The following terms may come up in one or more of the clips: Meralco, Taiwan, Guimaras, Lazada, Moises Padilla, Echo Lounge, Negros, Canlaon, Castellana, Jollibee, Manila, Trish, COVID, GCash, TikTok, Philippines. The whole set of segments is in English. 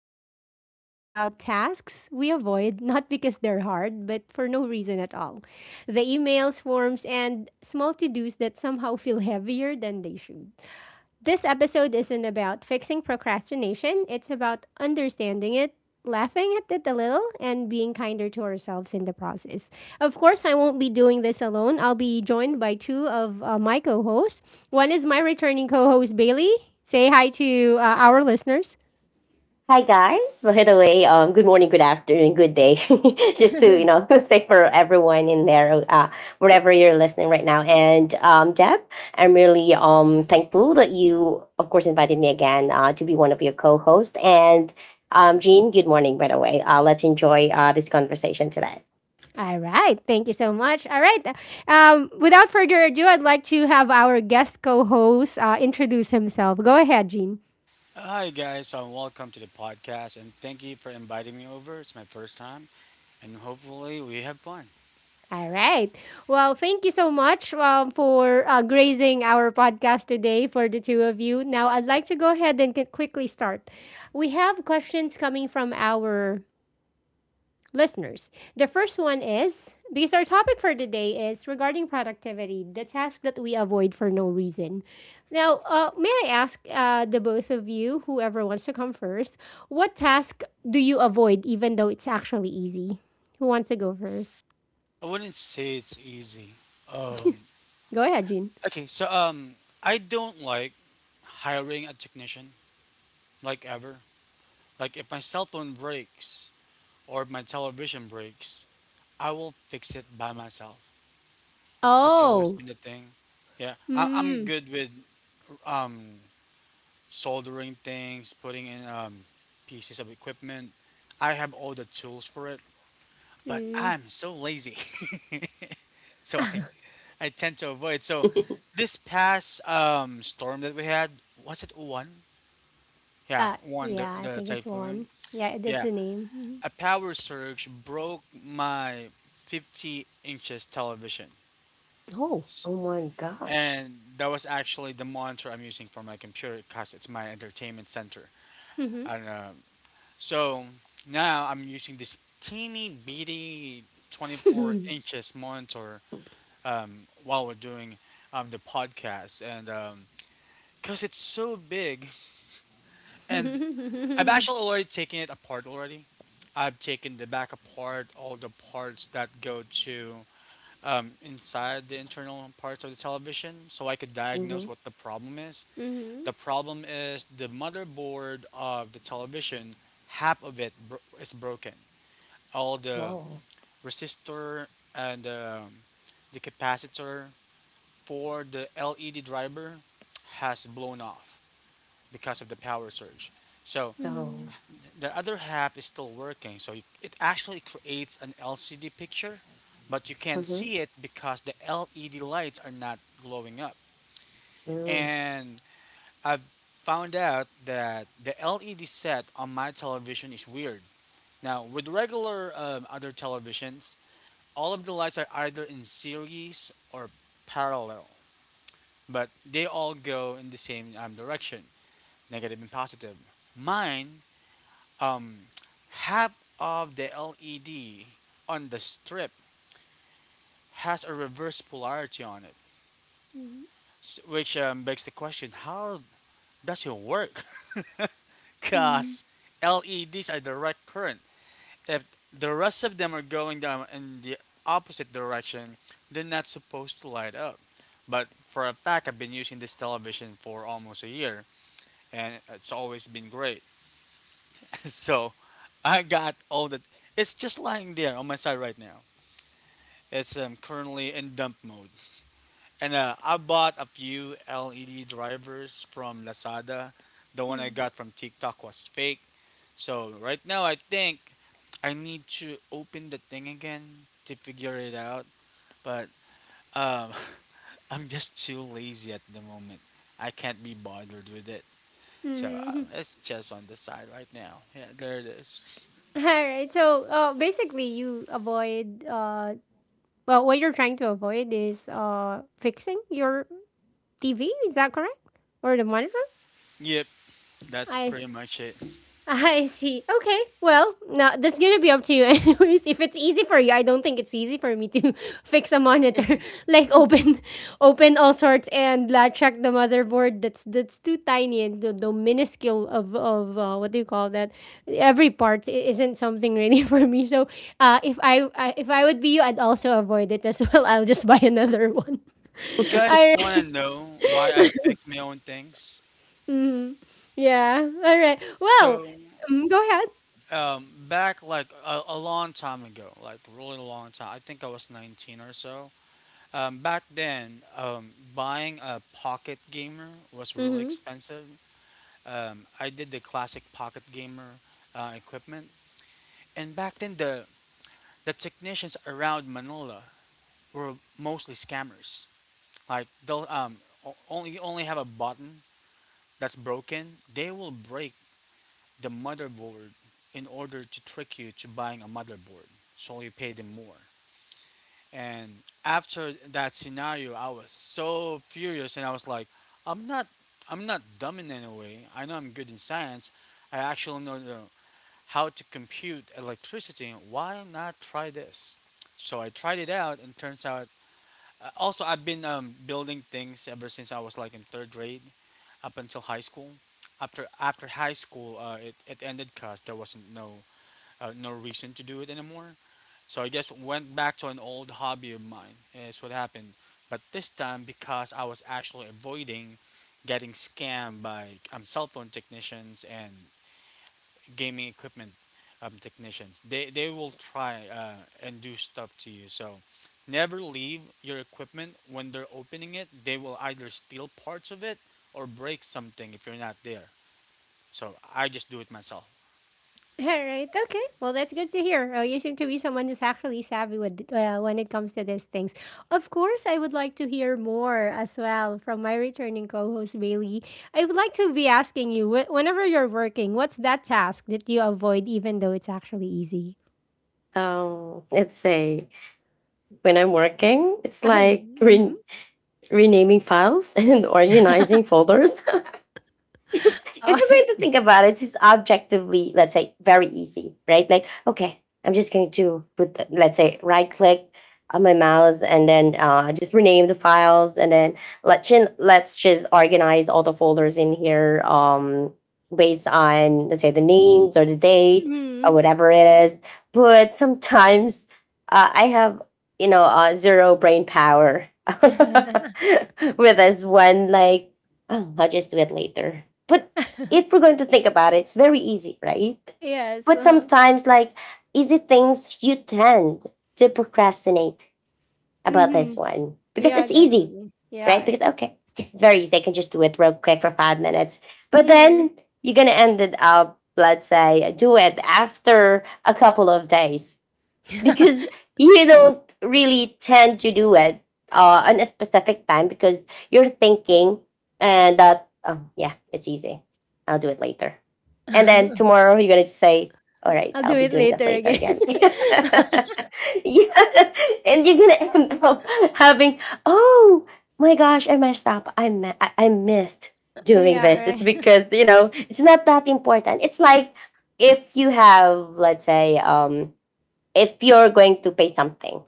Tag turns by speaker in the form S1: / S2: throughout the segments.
S1: Today, we're talking about tasks we avoid not because they're hard, but for no reason at all. The emails, forms, and small to dos that somehow feel heavier than they should. This episode isn't about fixing procrastination, it's about understanding it, laughing at it a little, and being kinder to ourselves in the process. Of course, I won't be doing this alone. I'll be joined by two of my co hosts. One is my returning co host, Bailey. Say hi to our listeners.
S2: Hi guys. By the way, good morning, good afternoon, good day. Just to say for everyone in there, wherever you're listening right now. And Deb, I'm really thankful that you, of course, invited me again to be one of your co-hosts. And Jean, good morning. By the way, let's enjoy this conversation today.
S1: All right. Thank you so much. All right. Without further ado, I'd like to have our guest co host introduce himself. Go ahead, Gene.
S3: Hi guys, so welcome to the podcast and thank you for inviting me over. It's my first time and hopefully we have fun.
S1: All right. Well, thank you so much for grazing our podcast today for the two of you. Now, I'd like to go ahead and quickly start. We have questions coming from our listeners. The first one is because our topic for today is regarding productivity, the task that we avoid for no reason. Now, may I ask the both of you, whoever wants to come first, what task do you avoid even though it's actually easy? Who wants to go first?
S3: I wouldn't say it's easy. Um
S1: Go ahead, Jean.
S3: okay, so I don't like hiring a technician like ever. Like if my cell phone breaks or if my television breaks, I will fix it by myself. That's always
S1: Oh.
S3: been the thing. Yeah, I'm
S1: Mm,
S3: good with um soldering things, putting in pieces of equipment. I have all the tools for it, but
S1: mm.
S3: I'm so lazy. So I tend to avoid. So this past storm that we had, was it one? Yeah,
S1: Ah,
S3: one, the,
S1: yeah, I
S3: the
S1: think it's
S3: typhoon.
S1: one. Yeah, that's
S3: Yeah,
S1: a name. Mhm.
S3: a power surge broke my 50 inches television.
S1: Oh.
S3: S-
S2: Oh my gosh.
S3: And that was actually the monitor I'm using for my computer because it's my entertainment center.
S1: Mhm.
S3: And do So now I'm using this teeny bitty 24
S1: Mhm.
S3: inches monitor while we're doing the podcast, and because it's so big, and I've
S1: Mhm.
S3: actually already taken it apart already. I've taken the back apart, all the parts that go to inside the internal parts of the television, so I could diagnose what the problem is. The
S1: Mhm.
S3: problem is the motherboard of the television. Half of it is broken, all the
S2: Oh,
S3: resistor and the capacitor for the LED driver has blown off because of the power surge. So
S2: oh,
S1: Mhm.
S3: the other half is still working. So it actually creates an LCD picture, but you can't
S2: hmm
S3: see it because the LED lights are not glowing up.
S2: mm.
S3: And I've found out that the LED set on my television is weird. Now, with regular other televisions, all of the lights are either in series or parallel, but they all go in the same direction, negative and positive. Mine, um, half of the LED on the strip has a reverse polarity on it,
S1: Mhm.
S3: which begs the question: How does it work?
S1: Mhm.
S3: Cause LEDs are direct current. If the rest of them are going down in the opposite direction, they're not supposed to light up. But for a fact, I've been using this television for almost a year, and it's always been great. So I got all the. It's just lying there on my side right now. It's currently in dump mode. And I bought a few LED drivers from Lazada. The one I got from TikTok was fake. So right now I think I need to open the thing again to figure it out, but um, I'm just too lazy at the moment. I can't be bothered with it. So
S1: Mhm.
S3: it's just on the side right now. Yeah, there it is.
S1: All right. So, basically, you avoid. Well, what you're trying to avoid is fixing your TV. Is that correct? Or the monitor?
S3: Yep, that's
S1: I
S3: pretty much it.
S1: I see. Okay. Well, now that's gonna be up to you, anyways. If it's easy for you, I don't think it's easy for me to fix a monitor, like open, open all sorts and check the motherboard. That's too tiny and the minuscule of what do you call that? Every part i- isn't something really for me. So, if I would be you, I'd also avoid it as well. I'll just buy another one.
S3: You guys
S1: All
S3: want
S1: right.
S3: to know why I fix my own things?
S1: Mhm. Yeah. All right. Well,
S3: So
S1: mm, go ahead.
S3: back like a long time ago, like really long time. I think I was 19 or so. Back then, buying a pocket gamer was really
S1: Mm-hmm.
S3: expensive. I did the classic pocket gamer equipment, and back then the technicians around Manila were mostly scammers. Like they'll only you only have a button that's broken, they will break the motherboard in order to trick you to buying a motherboard, so you pay them more. And after that scenario, I was so furious, and I was like, "I'm not, I'm not dumb in any way. I know I'm good in science. I actually know how to compute electricity. Why not try this?" So I tried it out, and turns out. Also, I've been building things ever since I was like in third grade, up until high school. After high school, it ended because there wasn't no no reason to do it anymore. So I just went back to an old hobby of mine. Is what happened. But this time, because I was actually avoiding getting scammed by cell phone technicians and gaming equipment technicians, they will try and do stuff to you. So never leave your equipment when they're opening it. They will either steal parts of it or break something if you're not there. So I just do it myself.
S1: All right. Okay. Well, that's good to hear. You seem to be someone who's actually savvy with when it comes to these things. Of course, I would like to hear more as well from my returning co-host Bailey. I would like to be asking you whenever you're working, what's that task that you avoid even though it's actually easy?
S2: Let's say when I'm working, it's
S1: Ay.
S2: like
S1: Mm-hmm.
S2: renaming files and organizing folders. It's, if you're
S1: Oh, I
S2: going to
S1: see.
S2: think about it, it's just objectively, let's say, very easy, right? Like, okay, I'm just going to put, let's say, right click on my mouse and then just rename the files and then let's just organize all the folders in here based on, let's say, the names or the date or
S1: Mhm.
S2: whatever it is. But sometimes I have, you know, zero brain power with this one, like, oh, I'll just do it later. But if we're going to think about it, it's very easy, right?
S1: Yes.
S2: But
S1: Uh-huh.
S2: sometimes, like, easy things you tend to procrastinate about
S1: Mm-hmm.
S2: this one because
S1: Yeah,
S2: it's easy,
S1: definitely.
S2: right?
S1: Yeah.
S2: Because, okay, it's very easy. I can just do it real quick for 5 minutes. But then
S1: Mm.
S2: you're going to end it up, let's say, do it after a couple of days because you don't really tend to do it on a specific time because you're thinking and that oh yeah it's easy I'll do it later. And then tomorrow you're going to say, all right,
S1: I'll
S2: I'll
S1: do
S2: be
S1: it
S2: doing that
S1: later
S2: later
S1: again.
S2: again. Yeah, and you're going to end up having oh my gosh I messed up, I missed
S1: Oh,
S2: doing
S1: yeah,
S2: this. It's
S1: right.
S2: because you know it's not that important. It's like if you have let's say if you're going to pay something,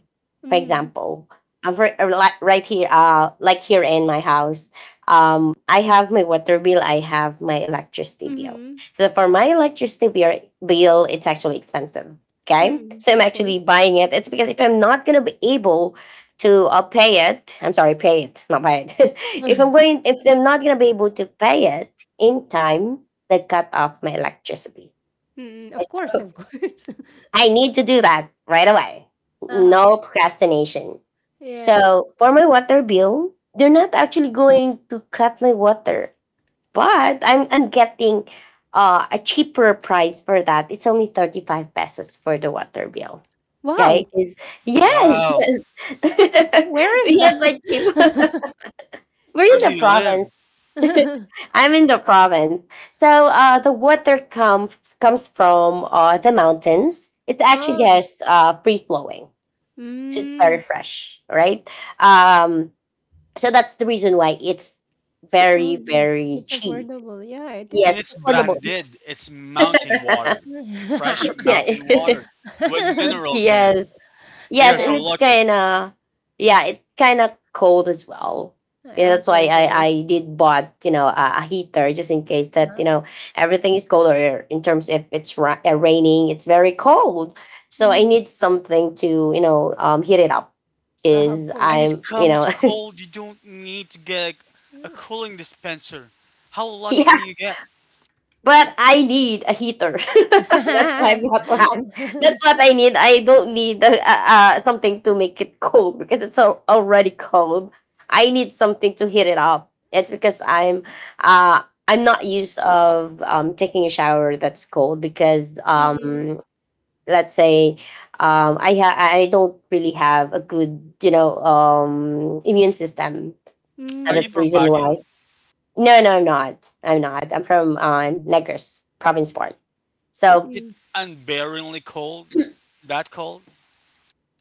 S2: for
S1: Mm-hmm.
S2: example, right here like here in my house. I have my water bill, I have my electricity bill.
S1: Mm-hmm.
S2: So for my electricity bill it's actually expensive. Okay,
S1: Mm-mm.
S2: so I'm
S1: Of course.
S2: actually buying it. It's because if I'm not going to be able to pay it. I'm sorry, pay it, not buy it. If I'm going if I'm not going to be able to pay it in time, they cut off my electricity.
S1: Mm, of course, of course.
S2: I need to do that right away.
S1: Uh-huh.
S2: No procrastination.
S1: Yes.
S2: So for my water bill, they're not actually going to cut my water, but I'm getting a cheaper price for that. It's only 35 pesos for the water bill. Okay,
S1: Wow.
S2: 'Cause- yes,
S3: Wow.
S2: yes.
S1: Where is
S2: We have like cheap.
S1: that?
S2: We're
S3: Where
S2: in
S3: do
S2: the
S3: you live?
S2: province. I'm in the province. So the water comes from the mountains. It actually
S1: Oh.
S2: has free flowing. It's
S1: Mm.
S2: very fresh, right? Um, so that's the reason why it's
S1: Oh,
S2: very,
S1: yeah.
S2: very
S1: It's
S2: cheap.
S1: affordable. Yeah, it
S2: Yes,
S3: And
S1: is.
S3: it's
S2: affordable.
S3: branded. It's mountain water, fresh
S2: Yeah.
S3: mountain water with minerals in it.
S2: Yes.
S3: They
S2: Yes,
S3: are
S2: and
S3: so
S1: Yeah,
S2: it's
S3: lucky.
S2: kinda yeah, it's kinda cold as well. Yeah, that's
S1: of
S2: why
S1: course it is.
S2: I did bought, you know, a heater just in case that, you know, everything is cold or in terms if raining, it's very cold. So I
S1: Mhm.
S2: need something to, you know, heat it up. Is
S1: Of
S3: And
S1: course.
S2: I'm,
S3: it
S2: you
S3: comes
S2: know,
S3: cold. You don't need to get a
S1: Mm.
S3: cooling dispenser. How lucky
S2: yeah,
S3: can you get?
S2: but I need a heater. That's why I'm hot one. That's what I need. I don't need something to make it cold because already cold. I need something to heat it up. It's because uh, I'm not used of taking a shower that's cold because
S1: Mm,
S2: let's say I don't really have a good you know immune system. So
S3: Are you
S2: that's the
S1: mm,
S3: from
S2: reason
S3: Baguio?
S2: why. No, no, I'm not. I'm not. I'm from Negros province part. So
S3: Is it
S1: mm.
S3: unbearably cold? That cold?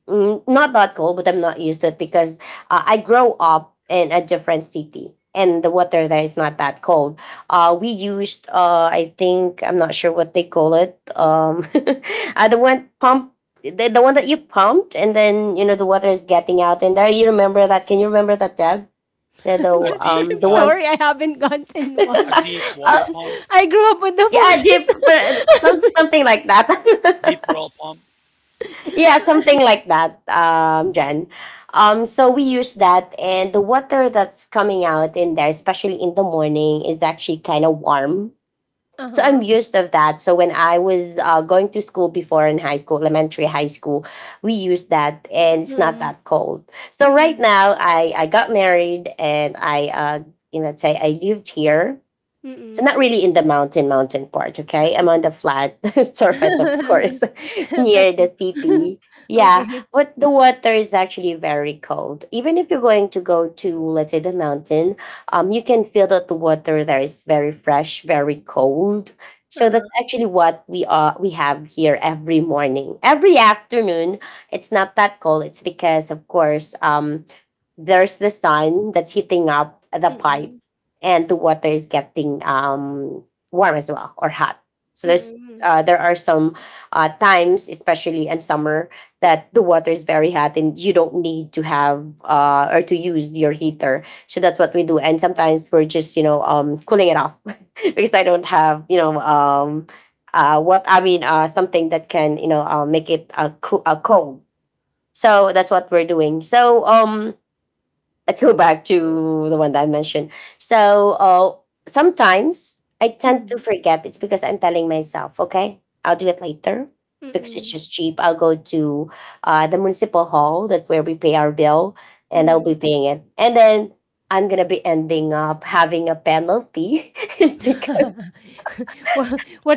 S2: not that cold, but I'm not used to it because I grow up in a different city and the water there is not that cold. We used, I think, I'm not sure what they call it. The one pump, the one that you pumped and then, you know, the water is getting out in there. You remember that? Can you remember that, Deb? So
S1: I'm
S3: A
S1: not sure.
S3: deep,
S1: I'm
S2: the one,
S3: um,
S1: sorry. I haven't gotten
S3: a
S1: one.
S3: deep water
S2: oh,
S3: pump,
S1: I grew up with the
S2: yeah, deep, but
S1: faucet.
S2: something like
S3: deep
S2: that.
S3: well pump.
S2: Yeah, something like that, Jen. So we use that, and the water that's coming out in there, especially in the morning, is actually kind of warm. So I'm
S1: Uh
S2: used of that. So when I was going to school before in high school, elementary, high school, we used that, and it's not
S1: huh.
S2: that cold. So right
S1: Mm,
S2: now, I got married, and I you know, say I lived here so not
S1: mm.
S2: really in the mountain mountain part, okay? I'm on the flat surface, of course, near the
S1: Platoon.
S2: city. Yeah,
S1: Okay.
S2: but the water is actually very cold. Even if you're going to go to, let's say, the mountain, you can feel that the water there is very fresh, very cold. So that's
S1: Oo.
S2: actually what we have here every morning, every afternoon. It's not that cold. It's because, of course, there's the sun that's heating up the pipe
S1: Mm,
S2: and the water is getting warm as well or hot. So there's
S1: mm.
S2: there are some times, especially in summer, that the water is very hot and you don't need to have or to use your heater. So that's what we do. And sometimes we're just you know cooling it off because I don't have you know what I mean something that can you know make it cold. So that's what we're doing. So let's go back to the one that I mentioned. So sometimes I tend to
S1: Mm,
S2: forget. It's because I'm telling myself, okay, I'll do it later. It's because it's
S1: mm,
S2: just cheap. I'll go to the municipal hall. That's where we pay our bill, and I'll
S1: mm.
S2: be paying it. And then I'm gonna be ending up having a penalty because
S1: Wha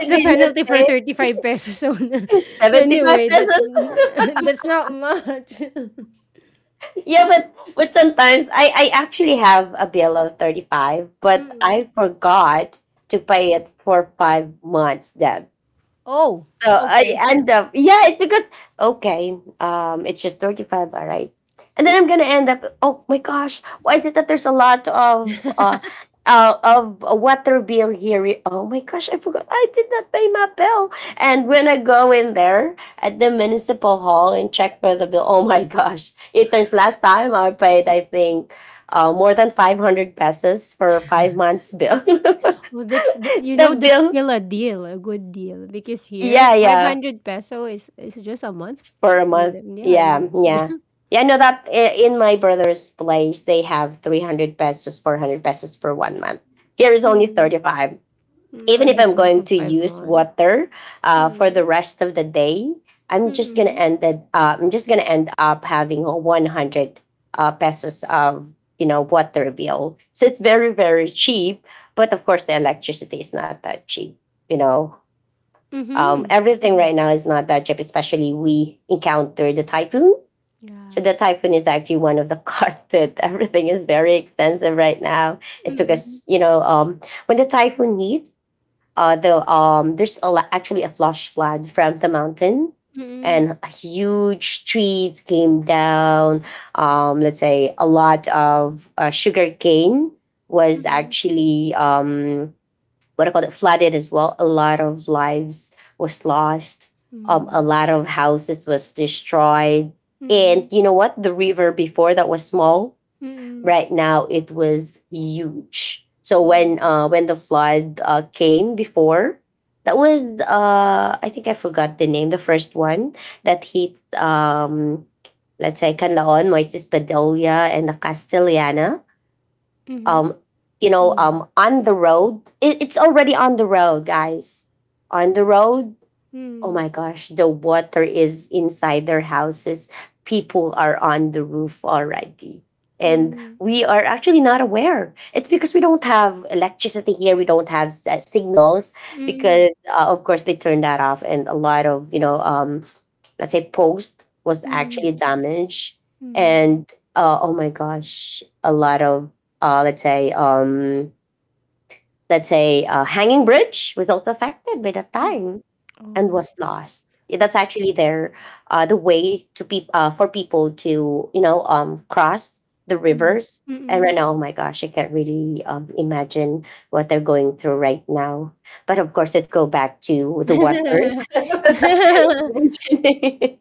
S2: I
S1: the
S2: did not
S1: penalty for
S2: pay
S1: 35 pesos on
S2: 75
S1: anyway, that's
S2: pesos.
S1: that's not much.
S2: Yeah, but sometimes I actually have a bill of 35, but
S1: Mm.
S2: I forgot to pay it for 5 months. That
S1: Oh,
S2: so I
S1: okay.
S2: end up, yeah, it's because okay, it's just 35, all right. And then I'm gonna end up. Oh my gosh, why is it that there's a lot of a water bill here? Oh my gosh, I forgot I did not pay my bill. And when I go in there at the municipal hall and check for the bill, oh my gosh, it turns last time I paid, I think. More than 500 pesos for 5 months bill.
S1: Well, that's the you know,
S2: The
S1: that's
S2: bill
S1: still a deal, a good deal, because here,
S2: yeah yeah
S1: 500 peso is just a month.
S2: for a month.
S1: Mm, yeah, in the
S2: Yeah, yeah. Yeah, no, in my brother's place, they have 300 pesos, 400 pesos for 1 month. Here is only
S1: Mm.
S2: 35.
S1: Mm,
S2: Even if I'm
S1: Anderson
S2: going
S1: for
S2: to
S1: 5
S2: use
S1: months.
S2: water for the
S1: Mm,
S2: rest of the day,
S1: mm,
S2: I'm just gonna end up having a 100 pesos of you know water bill. So it's very very cheap, but of course the electricity is not that cheap. You know,
S1: mhm,
S2: everything
S1: mhm.
S2: right now is not that cheap, especially we encounter the typhoon.
S1: Yeah.
S2: So the typhoon is actually one of the costs that everything is very expensive right now. It's
S1: Mm,
S2: because, you know, when the typhoon hit, there's actually a flash flood from the mountain
S1: mm,
S2: and huge trees came down. Let's say a lot of sugar cane was
S1: mm.
S2: actually what I call it flooded as well. A lot of lives was lost. A
S1: Mm.
S2: lot of houses was destroyed. And
S1: Mm,
S2: you know what? The river before that was small.
S1: mm,
S2: Right now it was huge. So when the flood came before, that was I think I forgot the name. The first one that hit let's say Canlaon, Moises Padilla, and the Castellana
S1: Mm-hmm. Mm.
S2: um you
S1: Mhm,
S2: know on the road it's already on the road guys on the road. Oh my gosh, the water is inside their houses. People are on the roof already.
S1: mm,
S2: And
S1: mm,
S2: we are actually not aware. It's because we don't have electricity here. We don't have signals
S1: mm,
S2: because, of course, they turned that off. And a lot of, you know, let's say post was
S1: mm.
S2: actually damaged.
S1: Mm.
S2: And oh my gosh, a lot of, uh, let's say, um, let's say, hanging bridge was also affected by that
S1: Mm.
S2: time and
S1: Oh,
S2: was lost. Yeah, that's
S1: that's
S2: actually their the way to peop for people to you know cross the
S1: mm,
S2: rivers. And right
S1: mm.
S2: now, oh my gosh, I can't really imagine what they're going through right now. But of course, let's go back to the what earth.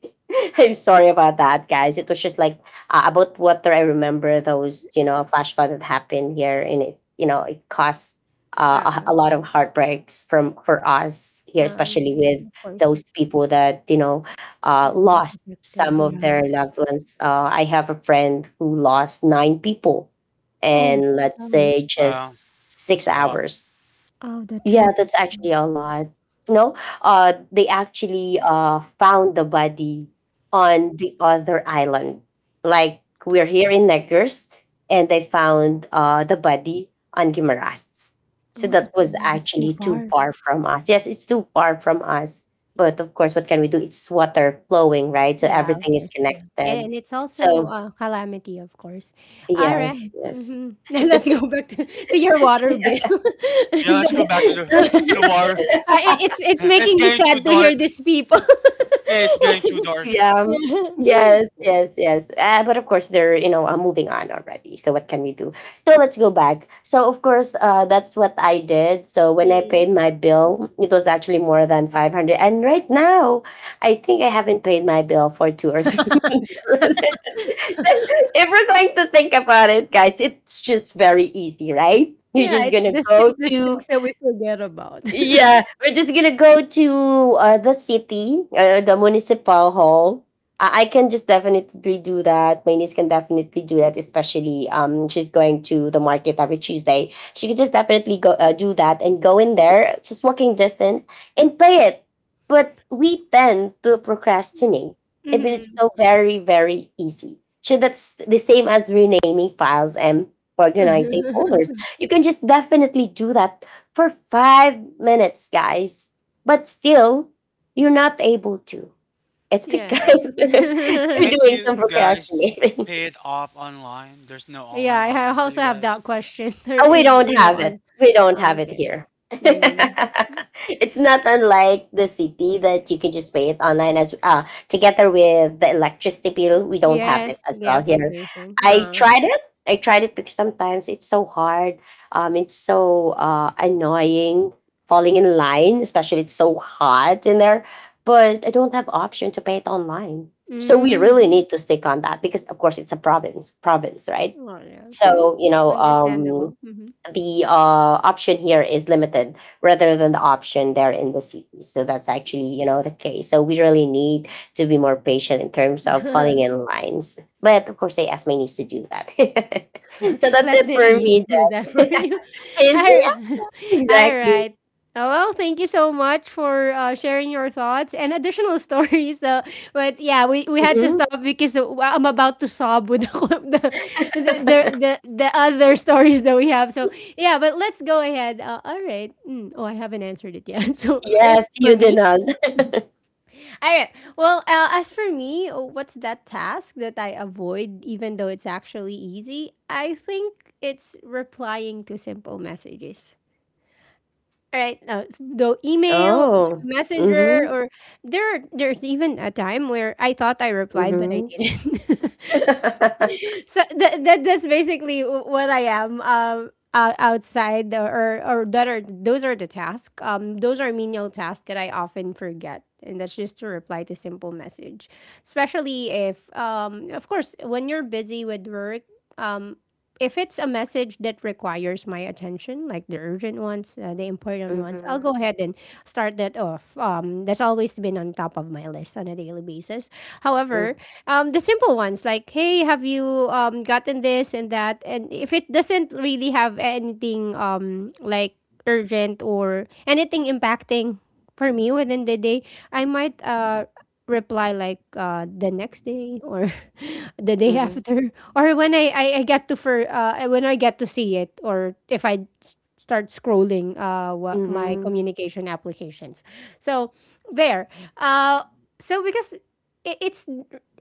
S2: I'm sorry about that, guys. It was just like about water. I remember those, flash flood that happened here, and it, it caused
S1: Uh-uh,
S2: a lot of heartbreaks from for us here,
S1: yeah,
S2: especially with
S1: of course,
S2: those people that
S1: the one's
S2: lost
S1: affected.
S2: some of their
S1: Yeah.
S2: loved ones. I have a friend who lost nine people,
S1: Oh,
S2: and let's
S1: that hurts.
S2: say
S3: Wow,
S2: just six
S3: that's a lot.
S2: hours
S1: Oh that
S2: Yeah,
S1: hurts.
S2: that's actually a lot. No, they actually found the body on the other island. Like we're here in Negros, and they found the body on Guimaras. So
S1: Oh,
S2: that was
S1: that's too
S2: actually too
S1: far.
S2: far from us. Yes, it's too far from us. But of course, what can we do? It's water flowing, right? So
S1: Yeah, of
S2: everything is
S1: course, yeah,
S2: connected.
S1: and it's also
S2: So
S1: a calamity, of course.
S2: yes,
S1: Alright,
S2: yes.
S1: mhm. Let's go back to your water bill.
S3: Yeah,
S1: And
S3: let's
S1: then
S3: go back to the water.
S1: ah, I it's
S3: It's
S1: making me
S3: getting too
S1: sad to
S3: dark.
S1: hear these people.
S3: It's getting too dark.
S2: Yeah.
S1: Yeah.
S2: Yes, yes, yes. But of course, they're moving on already. So what can we do? So let's go back. So of course, that's what I did. So when I
S1: Mm.
S2: paid my bill, it was actually more than 500. And right now, I think I haven't paid my bill for two or three months. If we're going to think about it, guys, it's just very easy, right? You're
S1: Yeah,
S2: just
S1: it's
S2: gonna
S1: the
S2: go
S1: simplest
S2: to.
S1: things that we forget about.
S2: Yeah, we're just gonna go to the city, the municipal hall. I can just definitely do that. My niece can definitely do that, especially she's going to the market every Tuesday. She could just definitely go do that and go in there, just walking distance, and play it. But we tend to procrastinate if it's
S1: Mhm.
S2: so very very easy. So that's the same as renaming files and organizing folders. You can just definitely do that for 5 minutes, guys. But still, you're not able to. It's
S1: Yes.
S2: because you're
S3: Can't
S2: doing
S3: you
S2: some
S3: guys
S2: procrastinating.
S3: pay it off online? There's no
S1: Yeah,
S3: online
S1: I
S3: option for you
S1: also have
S3: guys.
S1: that question. There
S2: Oh, we
S1: is,
S2: don't
S1: you know,
S2: have it.
S1: on
S2: We don't
S1: ah,
S2: have it
S1: okay.
S2: here.
S1: Mm.
S2: It's not unlike the city that you can just pay it online as together with the electricity bill. We don't have it
S1: Yes,
S2: as
S1: the
S2: well here.
S1: application.
S2: I
S1: Oh.
S2: tried it. I tried it because sometimes it's so hard. It's so annoying falling in line, especially it's so hot in there. But I don't have option to pay it online. So we
S1: Mm.
S2: really need to stick on that because of course it's a province, province, right?
S1: Well, yeah. Hmm.
S2: So
S1: Understandable. Mhm.
S2: the option here is limited rather than the option there in the cities. So that's actually, the case. So we really need to be more patient in terms of falling in lines. But of course, I ask my niece to do that. So that's
S1: Let
S2: it for
S1: Denise
S2: me,
S1: do that for
S2: Jen.
S1: you.
S2: Yes,
S1: All
S2: yes,
S1: all
S2: exactly.
S1: right. Oh, well, thank you so much for sharing your thoughts and additional stories. So, but yeah, we had to
S2: Hmm.
S1: stop because I'm about to sob with the other stories that we have. So, yeah, but let's go ahead. All right. Mm. Oh, I haven't answered it yet. So, if,
S2: Yes,
S1: for
S2: you
S1: me,
S2: did not.
S1: all right. Well, as for me, what's that task that I avoid, even though it's actually easy? I think it's replying to simple messages. All right. Though email,
S2: Oh.
S1: through messenger,
S2: Mm-hmm.
S1: or there, there's even a time where I thought I replied, but I
S2: Mm-hmm.
S1: didn't. So that, that that's basically what I am. Outside or that are those are the tasks. Those are menial tasks that I often forget, and that's just to reply to simple message, especially if of course, when you're busy with work, um. If it's a message that requires my attention, like the urgent ones, the important ones, I'll go
S2: Mm-hmm.
S1: ahead and start that off. That's always been on top of my list on a daily basis. However, the simple ones like, hey, have you gotten this and that? And if it doesn't really have anything like urgent or anything impacting for me within the day, I might reply like the next day or the day
S2: Mm-hmm.
S1: after or when I get to for when I get to see it or if I start scrolling my
S2: Mm-hmm.
S1: communication applications. So there. Uh, so because it, it's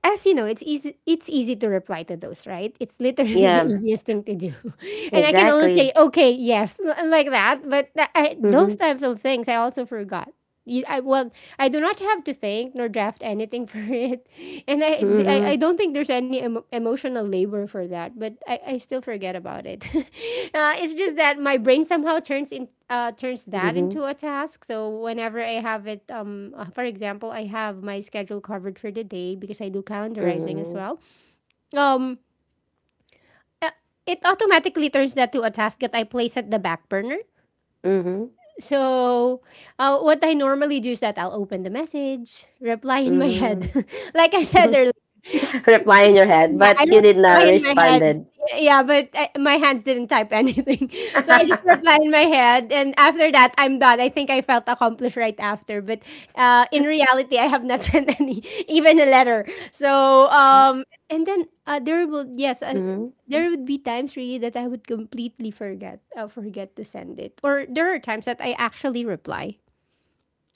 S1: as you know, it's easy to reply to those, right? It's literally the
S2: Yeah,
S1: easiest thing to do. And I can only
S2: exactly.
S1: say, okay, yes, like that. But those
S2: Mm-hmm.
S1: types of things I also forgot. Well, I do not have to think nor draft anything for it. And
S2: Mm-hmm.
S1: I don't think there's any emotional labor for that, but I still forget about it. Uh, it's just that my brain somehow turns in turns that
S2: Mm-hmm.
S1: into a task. So whenever I have it, for example, I have my schedule covered for the day because I do calendarizing as
S2: Mm-hmm.
S1: well. Um, uh, it automatically turns that to a task that I place at the back burner
S2: Mm-hmm.
S1: so, what I normally do is that I'll open the message, reply in my
S2: Mm-hmm.
S1: head. Like I said earlier, I just
S2: Reply
S1: re-
S2: in your head,
S1: yeah, I
S2: but you did not
S1: reply in my head.
S2: responded.
S1: Yeah, but my hands didn't type anything. So I just reply in my head. And after that, I'm done. I think I felt accomplished right after. But in reality, I have not sent any, even a letter. So, and then there will, yes,
S2: Mm-hmm.
S1: there would be times really that I would completely forget forget to send it. Or there are times that I actually reply.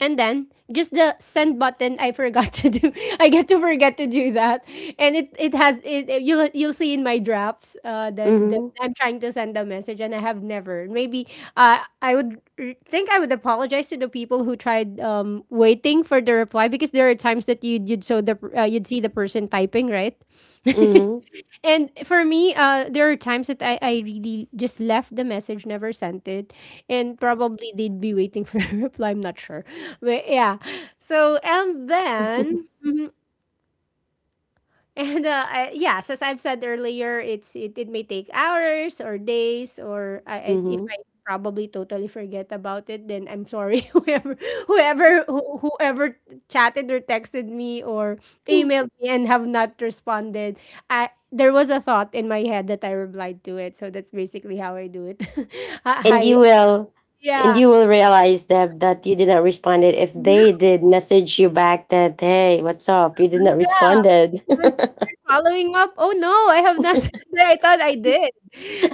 S1: And then just the send button I forgot to do. I get to forget to do that. And it has it you'll see in my drafts that, that
S2: Mm-hmm.
S1: I'm trying to send a message and I have never. Maybe I would think I would apologize to the people who tried waiting for the reply because there are times that you'd so the you'd see the person typing, right?
S2: Mm-hmm.
S1: And for me, there are times that I really just left the message, never sent it, and probably they'd be waiting for a reply. I'm not sure, but yeah. So and then and I, yes, as I've said earlier, it's it, it may take hours or days, or if
S2: Mm-hmm.
S1: I probably totally forget about it, then I'm sorry whoever chatted or texted me or emailed me and have not responded. I there was a thought in my head that I replied to it, so that's basically how I do it.
S2: and
S1: I
S2: you will and
S1: yeah.
S2: you will realize that you did not responded if they did message you back that, hey, what's up, you did not
S1: Yeah,
S2: responded.
S1: following up? Oh, no, I have not I thought I did.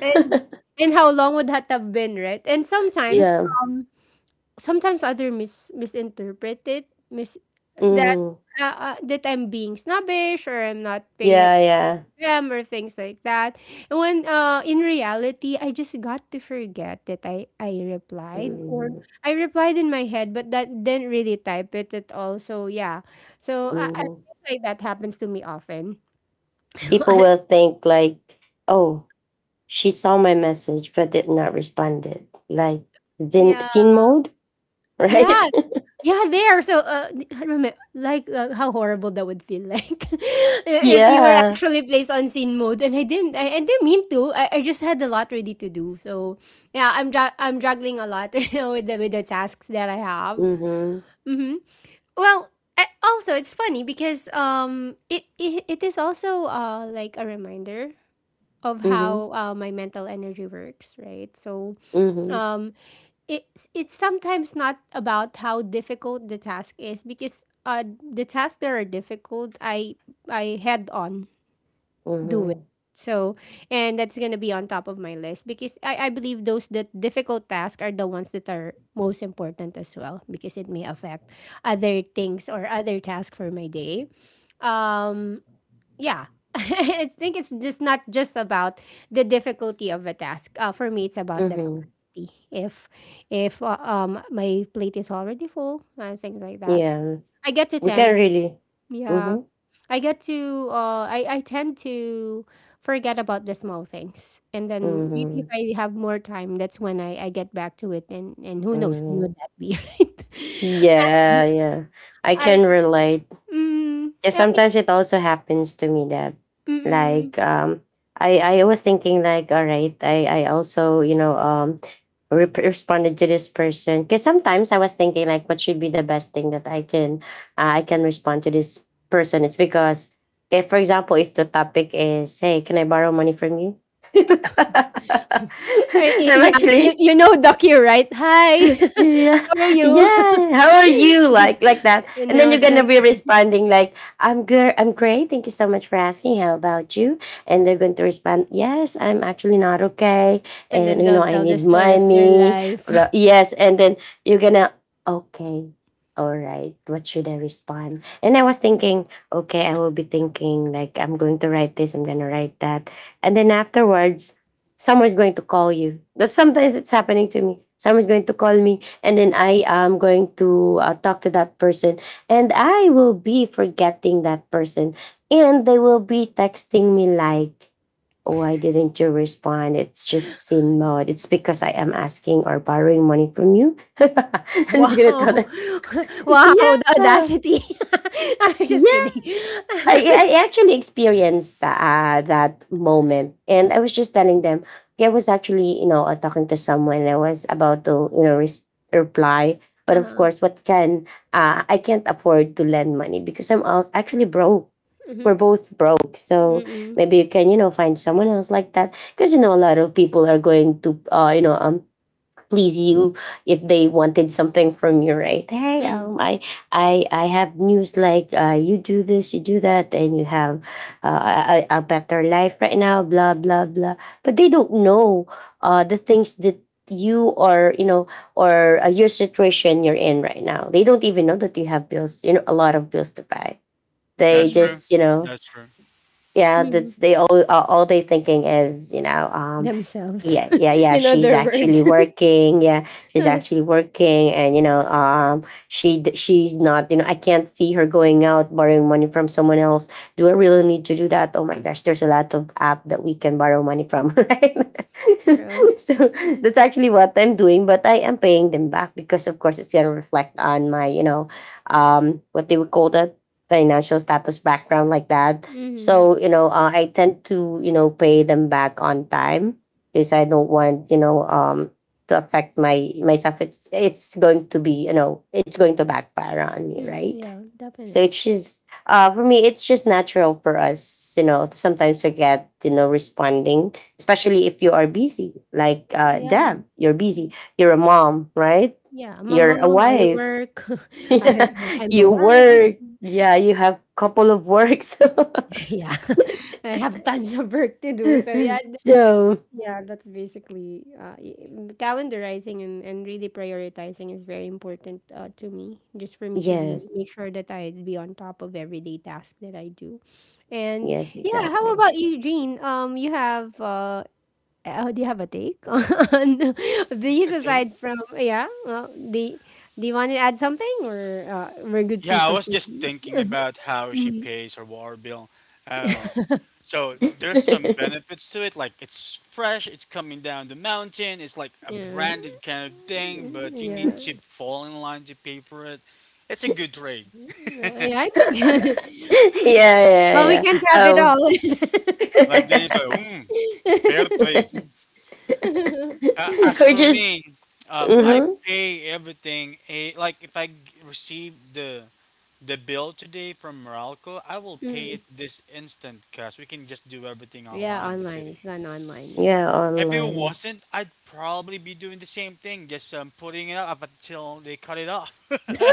S1: And and how long would that have been, right? And sometimes,
S2: Yeah.
S1: um, sometimes other misinterpret it, mis that
S2: Hmm.
S1: that I'm being snobbish or I'm not paying
S2: Yeah,
S1: attention
S2: yeah.
S1: to them or things like that. And when in reality, I just got to forget that I replied or
S2: Hmm.
S1: I replied in my head, but that didn't really type it at all. So yeah, so I
S2: Hmm.
S1: things like that happens to me often.
S2: People will think like, oh, she saw my message but did not respond it. Like, then
S1: Yeah.
S2: scene mode, right?
S1: Yeah. Yeah, there, so I remember like how horrible that would feel like if you were
S2: Yeah.
S1: actually placed on scene mode and I didn't mean to. I just had a lot ready to do. So, yeah, I'm juggling a lot you know, with the tasks that I have.
S2: Mm-hmm.
S1: Mhm. Well, also it's funny because it is also like a reminder of
S2: Mm-hmm.
S1: how my mental energy works, right? So,
S2: Mm-hmm.
S1: um it's sometimes not about how difficult the task is because the tasks that are difficult I head on do it.
S2: Mm-hmm.
S1: So and that's gonna be on top of my list because I believe those that difficult tasks are the ones that are most important as well because it may affect other things or other tasks for my day. Um yeah, I think it's just not just about the difficulty of a task, for me it's about the
S2: Mm-hmm.
S1: capacity if if my plate is already full and things like that
S2: Yeah.
S1: I get to
S2: We
S1: tend.
S2: can really.
S1: Yeah,
S2: Mm-hmm.
S1: I get to I tend to forget about the small things, and then maybe if
S2: Mm-hmm.
S1: I have more time that's when I get back to it, and who knows when
S2: Mm-hmm.
S1: would that be? Right.
S2: Yeah, yeah. I
S1: I,
S2: can relate. Yeah,
S1: yeah,
S2: sometimes it also happens to me that
S1: mm,
S2: like I was thinking like, all right, I also, re- responded to this person because sometimes I was thinking like what should be the best thing that I can respond to this person. It's because if for example if the topic is, hey, can I borrow money from you?
S1: or,
S2: I'm
S1: yeah, you
S2: actually
S1: you know Docu, right? Hi,
S2: yeah,
S1: how are you?
S2: yeah, how are you, like that.
S1: And
S2: And
S1: I
S2: then you're
S1: was
S2: gonna
S1: like,
S2: be responding like, I'm good, I'm great, thank you so much for asking, how about you. And they're going to respond, yes, I'm actually not okay.
S1: and
S2: And,
S1: then
S2: you know,
S1: they'll
S2: I
S1: tell
S2: need
S1: the story of their
S2: money.
S1: life.
S2: Blah, yes, and then you're gonna, okay, all right, what should I respond. And I was thinking, okay, I will be thinking like, I'm going to write this, I'm gonna write that. And then afterwards someone's going to call you. But sometimes it's happening to me. Someone's going to call me, and then I am going to talk to that person, and I will be forgetting that person, and they will be texting me like, "Oh, why didn't you respond? It's just sin mode. It's because I am asking or borrowing money from you." And
S1: Wow.
S2: it's gonna tell them,
S1: Wow, the
S2: "Yeah."
S1: audacity! I'm just kidding.
S2: Yes, I, I actually
S3: Mhm.
S2: experienced that moment, and I was just telling them. Okay, I was actually, you know, talking to someone. I was about to, you know, res- reply, but of
S1: Huh.
S2: course, what can I can't afford to lend money because I'm out- actually broke. We're
S1: Mm-hmm,
S2: both broke, so
S1: mm-mm,
S2: maybe you can, you know, find someone else like that. Because you know, a lot of people are going to, please you if they wanted something from you, right? Hey,
S1: mm-mm,
S2: I have news like, you do this, you do that, and you have a better life right now, blah blah blah. But they don't know the things that you are, you know, or your situation you're in right now. They don't even know that you have bills, you know, a lot of bills to pay. They
S3: That's
S1: mm-mm,
S3: true.
S2: just, you know,
S3: That's true.
S2: yeah, that's,
S1: mm-mm.
S2: they all, all they thinking is, you know, um,
S1: Themselves,
S2: yeah, yeah, yeah,
S1: you know
S2: she's
S1: their
S2: actually
S1: words.
S2: working. Yeah, she's actually working. And, you know, um, she's not, you know, I can't see her going out borrowing money from someone else. Do I really need to do that? Oh my gosh, there's a lot of app that we can borrow money from. Right?
S1: True.
S2: So
S1: Mm-hmm,
S2: that's actually what I'm doing, but I am paying them back because of course it's going to reflect on my, you know, um, what they would call that, financial status background, like that.
S1: mm-hmm.
S2: So, you know, I tend to, you know, pay them back on time because I don't want, you know, um, to affect my myself. It's going to be, you know, it's going to backfire on me,
S1: Mm,
S2: right?
S1: yeah, definitely.
S2: So it's just for me it's just natural for us, you know, to sometimes forget, you know, responding, especially if you are busy. Like,
S1: Yeah.
S2: Deb, you're busy, you're a mom, right?
S1: Yeah, I'm a
S2: You're a
S1: mom, I
S2: wife.
S1: work, I
S2: Yeah.
S1: I'm a
S2: You
S1: wife.
S2: work. Yeah, you have couple of works.
S1: Yeah, I have tons of work to do. So yeah,
S2: So
S1: yeah, that's basically calendarizing, and really prioritizing is very important, to me, just for me to be
S2: yes,
S1: make sure that I be on top of everyday task that I do. And
S2: yes,
S1: yeah, how
S2: exactly.
S1: about you, Jean? You have uh, do you have a take on
S3: A
S1: these
S3: date?
S1: aside from yeah? Well, do you want to add something, or we're good to
S3: Yeah, I was
S1: proceed?
S3: just thinking
S1: Uh-huh.
S3: about how she
S1: Mhm.
S3: pays her water bill. Oh, so there's some benefits to it. Like it's fresh, it's coming down the mountain. It's like a
S1: Yeah,
S3: branded kind of thing, but you
S1: yeah.
S3: need to fall in line to pay for it. It's a good trade.
S1: Yeah. It's okay. Well, we
S2: Yeah, yeah, yeah.
S1: can't have it
S2: Oh.
S1: all.
S3: Like then you say, fair trade. As
S2: Or
S3: for
S2: just,
S3: me, I
S2: hmm,
S3: pay everything. Like if I receive the bill today from Meralco, I will pay
S1: Mm.
S3: it this instant because we can just do everything
S1: Yeah,
S3: online in the
S1: online. It's
S3: city.
S1: done online. Yes.
S2: yeah,
S3: If it
S2: online.
S3: wasn't, I'd probably be doing the same thing, just putting it up until they cut it off.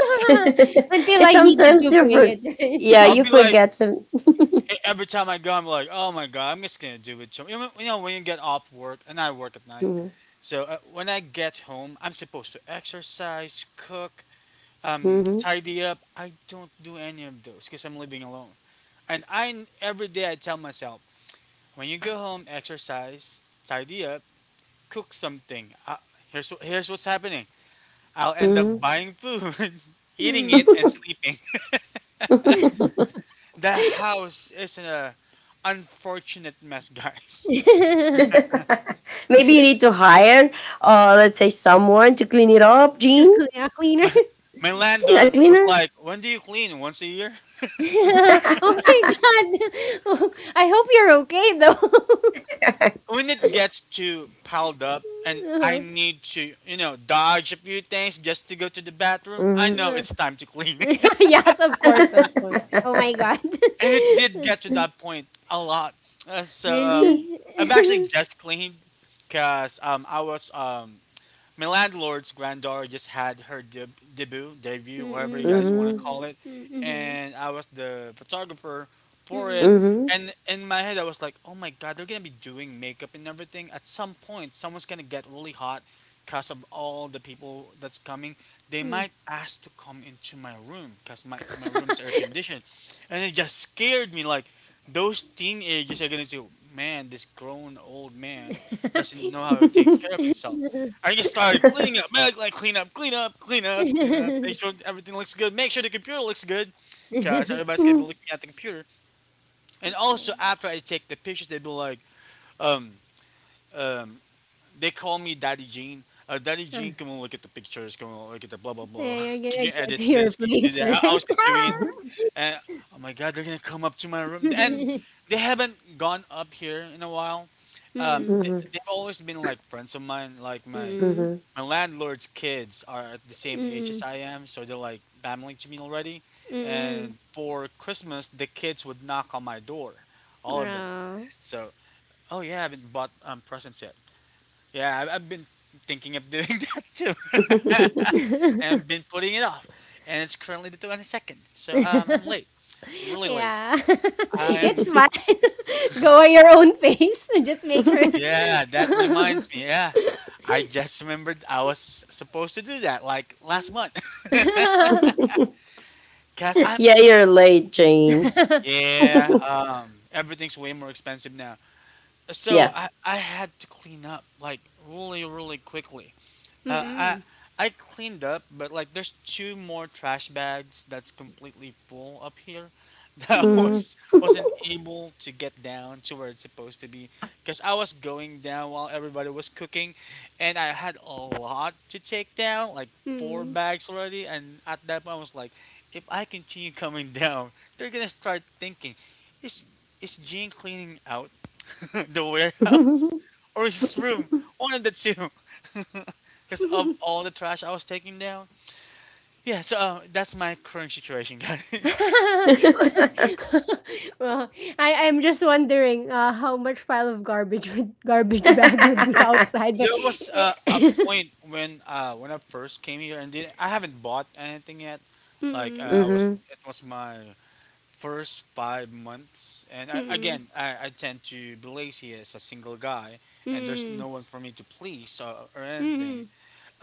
S1: Until
S2: Cause
S1: I needed
S2: sometimes
S1: to
S2: you
S1: pay
S2: for,
S1: it,
S2: yeah,
S1: right?
S3: I'll
S2: you
S3: be like
S2: forget some.
S3: every time I go, I'm like, oh my god, I'm just gonna do it. You know, when you get off work, and I work at night,
S2: Mhm,
S3: so when I get home, I'm supposed to exercise, cook,
S2: mhm,
S3: tidy up. I don't do any of those because I'm living alone. And I every day I tell myself, when you go home, exercise, tidy up, cook something. Here's what's happening. I'll end up
S2: mhm.
S3: buying food, eating
S1: Mm.
S3: it, and sleeping. The house is in a unfortunate mess, guys.
S2: Maybe you need to hire let's say someone to clean it up,
S1: A,
S2: Jean,
S1: a cleaner.
S3: My
S2: a
S3: landlord was
S2: cleaner.
S3: like, "When do you clean? Once a year?"
S1: Oh my god. Oh, I hope you're okay though.
S3: When it gets too piled up and I
S1: Uh-huh.
S3: need to, you know, dodge a few things just to go to the bathroom, I
S2: Mhm.
S3: know
S1: Uh,
S3: it's time to clean.
S1: yes, of course, of course. Oh my god.
S3: And it did get to that point a lot. So
S1: Really?
S3: I've actually just cleaned because I was my landlord's granddaughter just had her debut, whatever
S1: Mm-mm,
S3: you guys want to
S2: Mhm,
S3: call
S1: mm-mm,
S3: it,
S1: mm-mm,
S3: and I was the photographer for it.
S1: mm-mm,
S2: mhm.
S3: And in my head, I was like, "Oh my God, they're gonna be doing makeup and everything. At some point, someone's gonna get really hot because of all the people that's coming. They might ask to come into my room because my room's air conditioned." And it just scared me. Like those teenagers are gonna say, "Man, this grown old man doesn't know how to take care of himself." I just started cleaning up, like, clean up, clean up, clean up, clean up. Make sure everything looks good. Make sure the computer looks good, cause
S1: mm.
S3: everybody's gonna
S2: Mhm.
S3: be looking at the computer. And also after I take the pictures, they'd be like, um, um, they call me Daddy Gene. Daddy
S1: Huh.
S3: Gene, come and look at the pictures. Come and look at the blah blah
S1: Yeah,
S3: blah.
S1: you're
S3: Can
S1: gonna
S3: you
S1: go
S3: edit
S1: to your
S3: this? Can you do
S1: place,
S3: that? I
S1: right?
S3: was just doing it,
S2: Mhm.
S3: and oh my god, they're gonna come up to my room. And
S1: Mm-mm,
S3: they haven't gone up here in a while. They've always been like friends of mine, like my
S2: Mhm.
S1: mm-mm,
S2: Mhm.
S3: my landlord's kids are at the same age as
S1: mm-mm,
S3: I am, so they're like family to me already.
S1: mm-mm.
S3: And for Christmas, the kids would knock on my door, all of them.
S1: Aw.
S3: So, oh yeah, I haven't bought presents yet. Yeah, I've been thinking of doing that too, and been putting it off. And it's currently the 22nd, so I'm late, really late.
S1: Yeah. It's
S3: I'm
S1: fine. Go at your own pace. Just make sure.
S3: Yeah, that reminds me. Yeah, I just remembered I was supposed to do that like last month. Cause I'm
S2: Yeah, you're late, Jane.
S3: Yeah, everything's way more expensive now. So
S2: Yeah.
S3: I had to clean up like really, really quickly. Uh, I
S1: Mm-mm.
S3: I cleaned up, but like there's two more trash bags that's completely full up here that I
S1: Mhm.
S2: Mhm.
S3: was wasn't able to get down to where it's supposed to be because I was going down while everybody was cooking, and I had a lot to take down, like four
S1: Mhm.
S3: bags already, and at that point I was like, if I continue coming down, they're gonna start thinking, is is Gene cleaning out the warehouse or his room? One of the two. Because of all the trash I was taking down. Yeah, so that's my current situation, guys.
S1: Well, I'm just wondering, how much pile of garbage would, garbage bag would be
S3: Oh,
S1: outside, but
S3: there was a point when I first came here, and then I haven't bought anything yet.
S1: mm-mm,
S2: Mhm.
S3: It was my first 5 months, and I,
S1: mm-mm,
S3: again, I, I tend to be lazy as a single guy, and there's
S1: mm-mm,
S3: no one for me to please or anything.
S1: mm-mm,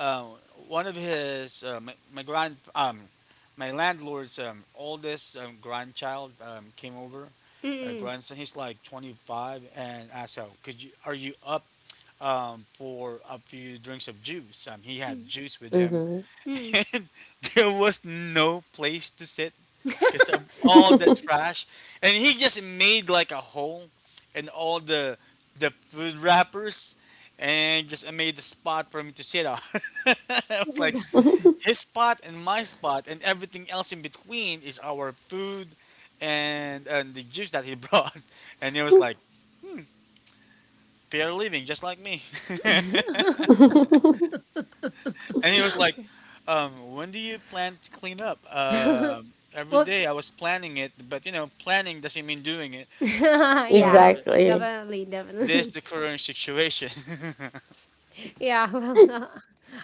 S3: Uh, one of his my, my grand my landlord's oldest grandchild, came over. A grandson, he's like 25, and asked, "How could you— are you up, for a few drinks of juice?" He had juice with him.
S2: Mhm.
S1: mm-mm,
S3: and there was no place to sit because of all the trash, and he just made like a hole, and all the food wrappers, and just made a spot for me to sit on. it was like
S1: mm-mm.
S2: Mhm.
S3: his spot and my spot, and everything else in between is our food and the juice that he brought. and he was like fair living just like me. and he was like, "When do you plan to clean up?" Every
S1: Well,
S3: day I was planning it, but you know, planning doesn't mean doing it.
S1: yeah,
S3: So
S2: Exactly.
S1: definitely,
S3: this
S1: definitely.
S3: the current situation.
S1: Yeah, well,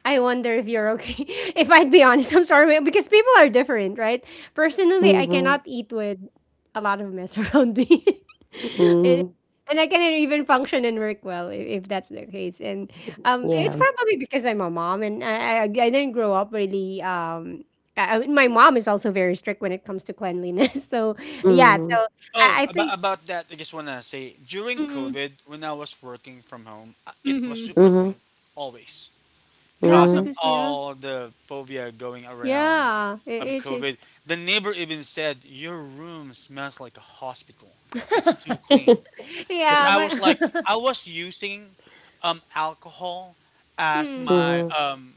S1: I wonder if you're okay. If I'd be honest, I'm sorry because people are different, right? Personally, I
S2: Mhm.
S1: cannot eat with a lot of mess around me. It-
S2: Mhm.
S1: and I cannot even function and work well if, that's the case. And it's
S2: Yeah.
S1: probably because I'm a mom and I didn't grow up really. My mom is also very strict when it comes to cleanliness. So, yeah, so
S2: Mhm.
S3: oh,
S1: I,
S3: oh,
S1: I
S3: about,
S1: think.
S3: about that, I just wanna say, during
S1: Mm-hmm,
S3: COVID, when I was working from home, it was
S1: mm-hmm.
S3: super
S2: Mhm.
S3: clean, always.
S1: Yeah,
S3: Cause of
S2: Mhm.
S1: because, yeah.
S3: all the phobia going around,
S1: Yeah, it is.
S3: COVID. The neighbor even said your room smells like a hospital. It's too clean. Cause
S1: Yeah,
S3: I was like,
S1: my
S3: I was using alcohol as
S1: mm,
S3: my
S2: Mhm.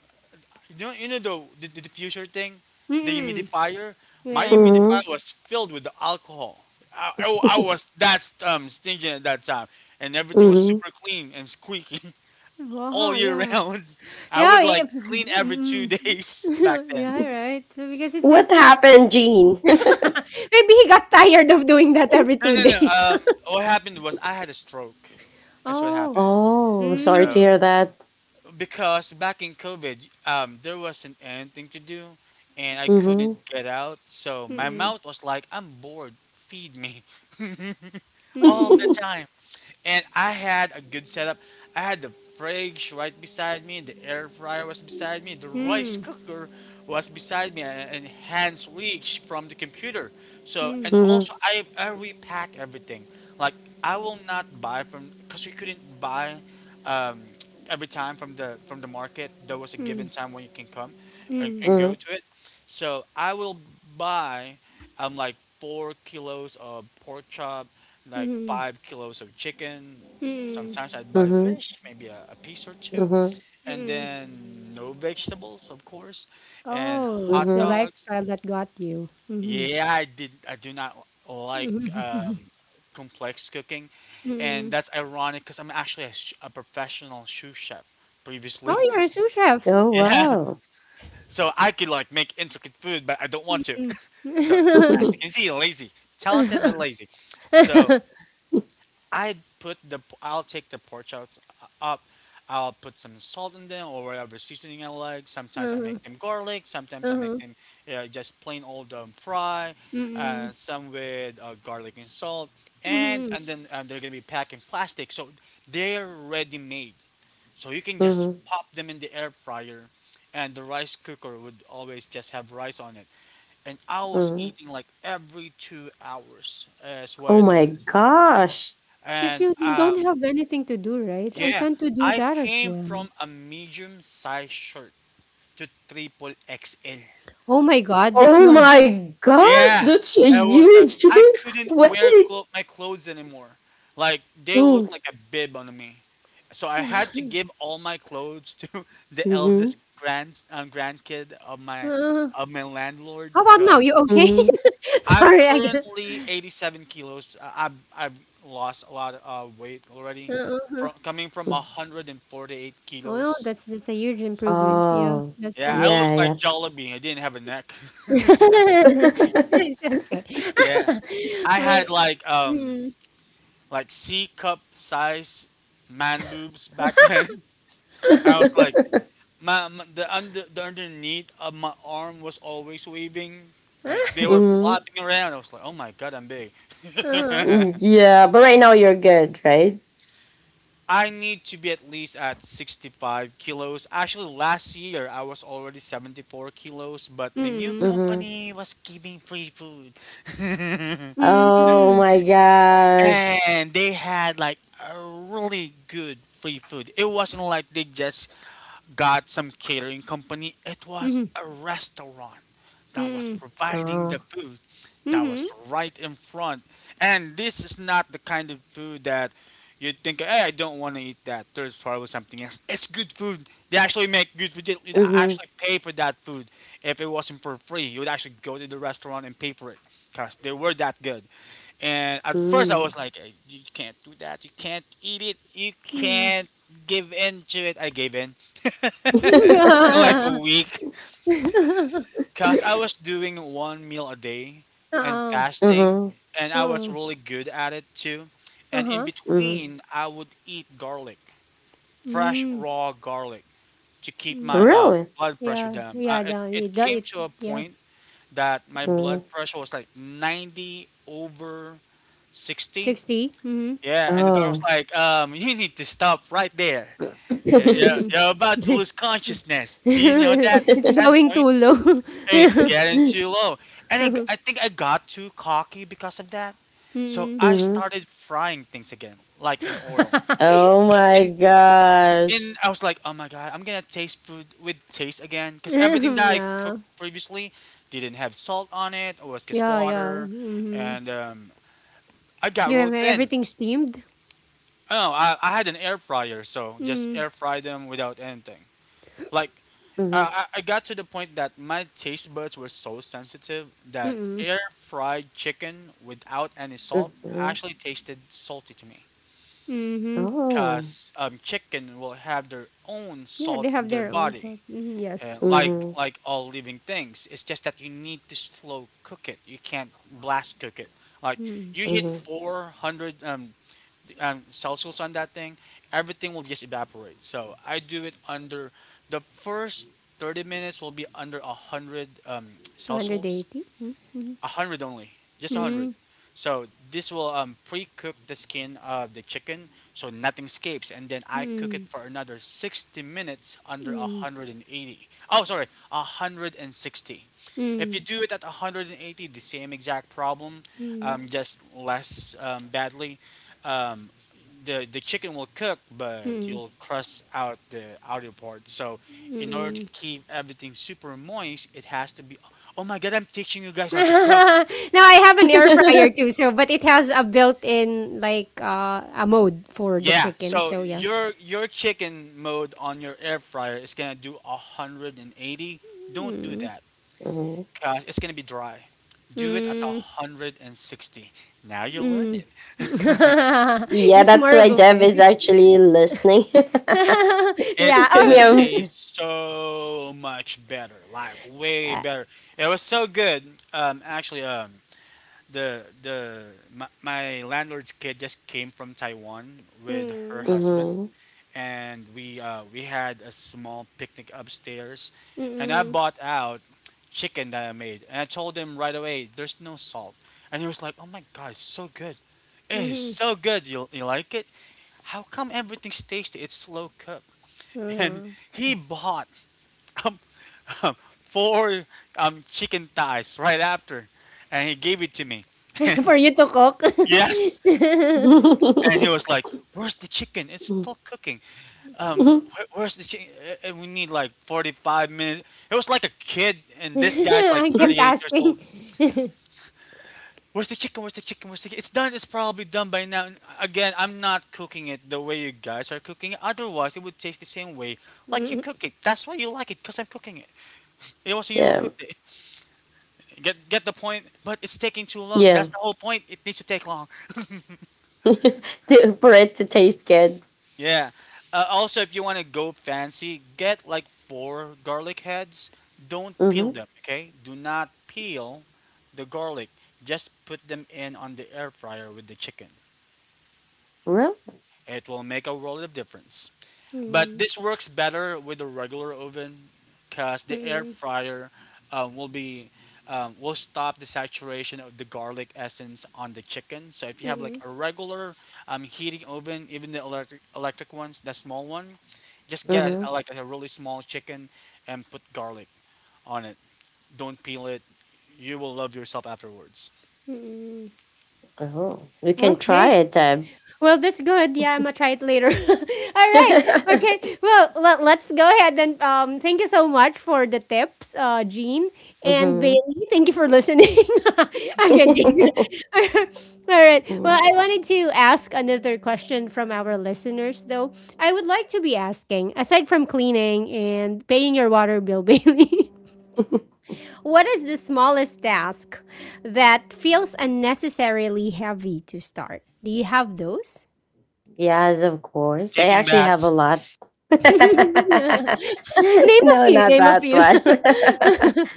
S3: you know, the, the diffuser thing, the
S1: mm,
S3: humidifier. My
S1: yeah.
S2: Mhm.
S3: humidifier was filled with the alcohol. I was that stingy at that time, and everything was
S2: Mhm.
S3: super clean and squeaky all
S1: Wow,
S3: year
S1: yeah.
S3: round. I
S1: Yeah,
S3: would
S1: yeah,
S3: like clean every two
S1: mm.
S3: days back
S1: Mm.
S3: then.
S1: Yeah, right. So because
S2: What
S1: it's re
S2: happened, Jean?
S1: maybe he got tired of doing that every
S3: No,
S1: 2
S3: no, no.
S1: days.
S3: What happened was I had a stroke. That's what
S1: Oh.
S3: happened.
S2: Oh, sorry to
S3: So
S1: Mm.
S2: hear that.
S3: because back in COVID, there wasn't anything to do, and I couldn't
S2: Mhm.
S3: get out. So my
S1: Mm,
S3: mouth was like, "I'm bored. Feed me all the
S1: mm,
S3: time." And I had a good setup. I had the fridge right beside me, the air fryer was beside me, the rice
S1: mm,
S3: cooker was beside me, and hands reach from the computer.
S1: mm,
S3: So,
S1: mm,
S3: and
S2: Mhm.
S3: also I repack everything. Like, I will not buy from— because we couldn't buy um, every time from the market. There was a given time when you can come
S1: mm,
S3: and go
S2: Mhm.
S3: to it. So I will buy like 4 kilos of pork chop, like
S1: mm,
S3: 5 kilos of chicken.
S1: mm,
S3: Sometimes I'd buy
S2: Mhm.
S3: fish, maybe a piece or two,
S2: Mhm.
S3: and
S1: mm.
S3: then no vegetables, of course, and
S1: Oh,
S3: hot
S1: it's the
S2: Mhm.
S3: dogs.
S1: lifestyle that got you. Mhm.
S3: Yeah, I did. I do not like, complex cooking, and
S1: Mhm.
S3: that's ironic because I'm actually a, a professional sous chef
S1: Oh,
S3: previously.
S1: you're a sous chef.
S2: Oh
S3: yeah,
S2: wow.
S3: so I could like make intricate food, but I don't want to.
S1: Mm.
S3: so as you can see, lazy, talented but lazy. So I'll take the pork chops up. I'll put some salt in them or whatever seasoning I like. Sometimes I
S1: Uh-huh,
S3: make them garlic. Sometimes I make
S1: uh-huh.
S3: them just plain old fry.
S1: Mm-mm.
S3: Some with garlic and salt, and
S1: Mhm.
S3: and then they're gonna be packed in plastic, so they're ready made. So you can
S2: Mhm.
S3: just
S2: Mhm.
S3: pop them in the air fryer, and the rice cooker would always just have rice on it. And I was eating like every 2 hours, is what
S2: Oh
S3: I
S2: my
S3: noticed.
S2: gosh.
S1: Because
S3: And
S1: you don't
S3: um,
S1: have anything to do, right? I
S3: yeah,
S1: tend to do
S3: I
S1: that as
S3: came
S1: well.
S3: from a medium sized shirt to triple XL.
S1: Oh my God, that's
S2: Oh
S1: not.
S2: my gosh,
S3: Yeah,
S2: that's a
S3: it was a—
S2: huge.
S3: I couldn't
S2: Wait.
S3: wear
S2: Wait.
S3: my clothes anymore. Like they looked
S2: Mm.
S3: like a bib on me, so I had to give all my clothes to the eldest
S2: Mhm.
S3: grandkid of my
S1: Uh,
S3: landlord.
S1: how about now?
S3: Cause
S1: You okay?
S2: Mhm.
S3: I'm
S1: Sorry, I got.
S3: currently 87 kilos. I've lost a lot of weight already,
S1: Uh-huh.
S3: from coming from
S2: Mhm.
S3: 148
S1: Well,
S3: kilos.
S1: that's a huge improvement. Yeah,
S2: Oh.
S1: that's
S3: Yeah,
S1: good.
S3: I looked like
S2: Yeah,
S3: Jollibee. I didn't have a neck.
S2: yeah.
S1: It's okay.
S3: yeah, I had
S1: Wait. Mm-mm.
S3: like C cup size man boobs back then. I was like my the under the underneath of my arm was always waving. Like they were
S2: Hmm.
S3: flopping around. I was like, oh my god, I'm big.
S1: Uh-huh.
S2: Yeah, but right now you're good, right?
S3: I need to be at least at 65 kilos. Actually, last year I was already 74 kilos, but the new
S1: Mm-mm.
S2: Mm-hmm.
S3: company was giving free food.
S2: Oh
S1: Mm-mm.
S2: my gosh.
S3: And they had like a really good free food. It wasn't like they just got some catering company. It was
S1: Mm-mm.
S3: a restaurant that was
S1: Mm-mm.
S3: providing the
S2: Oh.
S3: food that
S1: Mhm.
S3: was right in front. And this is not the kind of food that you think, hey, I don't want to eat that. There's probably something else. It's good food. They actually make good food. You'd
S2: Mhm.
S3: actually pay for that food. If it wasn't for free, you would actually go to the restaurant and pay for it because they were that good. And at first, I was
S2: Mm.
S3: like, "Eh, you can't do that. You can't eat it. You
S1: Hmm.
S3: can't give in to it." I gave in in like a week, cause I was doing one meal a day and
S1: Oo,
S3: fasting,
S2: Mhm.
S3: and I was
S1: oo.
S3: really good at it too. And in
S1: Uh-huh.
S2: Mhm.
S3: between, I would eat garlic, fresh
S1: Hmm,
S3: raw garlic, to keep my
S1: hmm.
S2: Really?
S3: blood pressure
S1: Yeah,
S3: down. Uh,
S1: yeah,
S3: it it
S1: the
S3: came
S1: it
S3: to a
S1: yeah,
S3: point that my blood
S2: Mm.
S3: pressure was like 90 over 60.
S1: 60? Mhm,
S3: Yeah, and the dog was
S2: Oh.
S3: like, you need to stop right there.
S1: mm.
S3: You're about to lose consciousness. Do you know that?
S1: It's
S3: 10
S1: going too
S3: points?
S1: low.
S3: It's
S1: Yeah.
S3: getting too low. And it,
S1: Mhm,
S3: I think I got too cocky because of that. So
S1: mm.
S3: I
S2: Mhm.
S3: started frying things again, like in oil.
S2: Oh
S3: But
S2: my gosh.
S3: in I was like, oh my God, I'm going to taste food with taste again. Because everything that I
S1: Yeah.
S3: cooked previously didn't have salt on it, or was just
S1: Yeah, yeah,
S3: water.
S1: mhm.
S3: And I got
S1: You
S3: really
S1: have
S3: thin.
S1: everything steamed?
S3: Oh, I had an air fryer, so just
S1: Mm,
S3: air fry them without anything. Like,
S2: Mhm.
S3: I got to the point that my taste buds were so sensitive that
S1: mm,
S3: air fried chicken without any salt
S2: Mhm.
S3: actually tasted salty to me.
S1: mhm.
S2: Oh.
S3: Because chicken will have their own
S1: Yeah,
S3: salt
S1: they
S3: in
S1: have
S3: their
S1: their own
S3: body.
S1: salt. Mhm, yes.
S3: And like,
S2: Mhm.
S3: all living things, it's just that you need to slow cook it. You can't blast cook it. Like
S1: Mm.
S3: you hit
S2: Mhm.
S3: 400 Celsius on that thing, everything will just evaporate. So I do it under— the first 30 minutes will be under 100, Celsius,
S1: 180? Mm, mhm.
S3: a hundred only, just a hundred.
S1: Mm,
S3: So this will pre-cook the skin of the chicken so nothing escapes, and then I cook it
S1: mm,
S3: for another 60 minutes under a
S1: mm,
S3: hundred and eighty. Oh, sorry, 160. If
S1: mm,
S3: you do it at 180, the same exact problem,
S1: mm,
S3: just less, badly. Um, the chicken will cook, but
S1: mm,
S3: you'll crust out the outer part. So in order to
S1: mm.
S3: keep everything super moist, it has to be— oh my god, I'm teaching you guys how to cook.
S1: Now I have an air fryer too, so but it has a built-in like a mode for the
S3: Yeah.
S1: chicken.
S3: So
S1: So yeah.
S3: your chicken mode on your air fryer is gonna do 180. Don't do
S1: Mm,
S3: that.
S2: Mhm.
S3: Cause it's gonna be dry. Do it at
S1: mm,
S3: 160. Now you'll learn
S1: mm.
S3: it.
S2: Yeah,
S1: It's
S2: that's
S1: more
S2: why
S1: of a
S2: Dev is
S1: buffet.
S2: actually listening. For
S3: it's
S1: Yeah. Oh.
S3: gonna
S2: me, I'm.
S3: taste so much better, like way
S1: Uh,
S3: better. It was so good. Actually, the my landlord's kid just came from Taiwan with her
S1: mm,
S3: husband,
S2: Mhm.
S3: and we had a small picnic upstairs, and I
S1: mm,
S3: bought out chicken that I made, and I told him right away, "There's no salt," and he was like, "Oh my god, it's so good!
S1: mm,
S3: It is
S1: mhm,
S3: so good. You— you like it? How come everything's tasty? It's slow cooked." And
S1: uh-huh.
S3: he bought um, um, four chicken thighs right after, and he gave it to me.
S1: For you to cook.
S3: Yes, and he was like, "Where's the chicken? It's still cooking." Where's this chicken? We need like 45 minutes. It was like a kid, and this guy's like
S1: I kept
S3: 38 years old.
S1: asking.
S3: Where's the chicken? Where's the chicken? Where's the chicken? It's done. It's probably done by now. And again, I'm not cooking it the way you guys are cooking it. Otherwise, it would taste the same way like you cook it. That's why you like it, because I'm cooking it. It wasn't you who
S2: Yeah,
S3: cooked it. Get— get the point? But it's taking too long.
S2: yeah.
S3: That's the whole point. It needs to take long.
S2: To-, for it to taste good.
S3: Yeah. Also, if you want to go fancy, get like four garlic heads. Don't peel them, okay? Do not peel the garlic. Just put them in on the air fryer with the chicken.
S2: No?
S3: It will make a world of difference. But
S1: Mm.
S3: this works better with the regular oven because the air
S1: Mm-mm.
S3: fryer um, will be will stop the saturation of the garlic essence on the chicken. So if you have like
S1: Mm-mm.
S3: a regular heating oven, even the electric ones, the small one, just get
S2: Mhm.
S3: a, like a really small chicken and put garlic on it. Don't peel it. You will love yourself afterwards.
S2: Oh, you can try
S1: Okay.
S2: it then.
S1: Well, that's good. Yeah, I'm gonna try it later. All right. Okay. Well, let, let's go ahead and thank you so much for the tips, Jean and
S2: Mhm.
S1: Bailey. Thank you for listening. Okay. Thank you. All right. Well,
S2: Mm.
S1: I wanted to ask another question from our listeners, though. I would like to be asking, aside from cleaning and paying your water bill, Bailey. What is the smallest task that feels unnecessarily heavy to start? Do you have those?
S2: Yes, of course. I
S3: Taking
S2: actually have a
S3: baths.
S2: lot. No,
S1: Name a few.
S2: not
S1: Name a
S2: that
S1: few.
S2: one.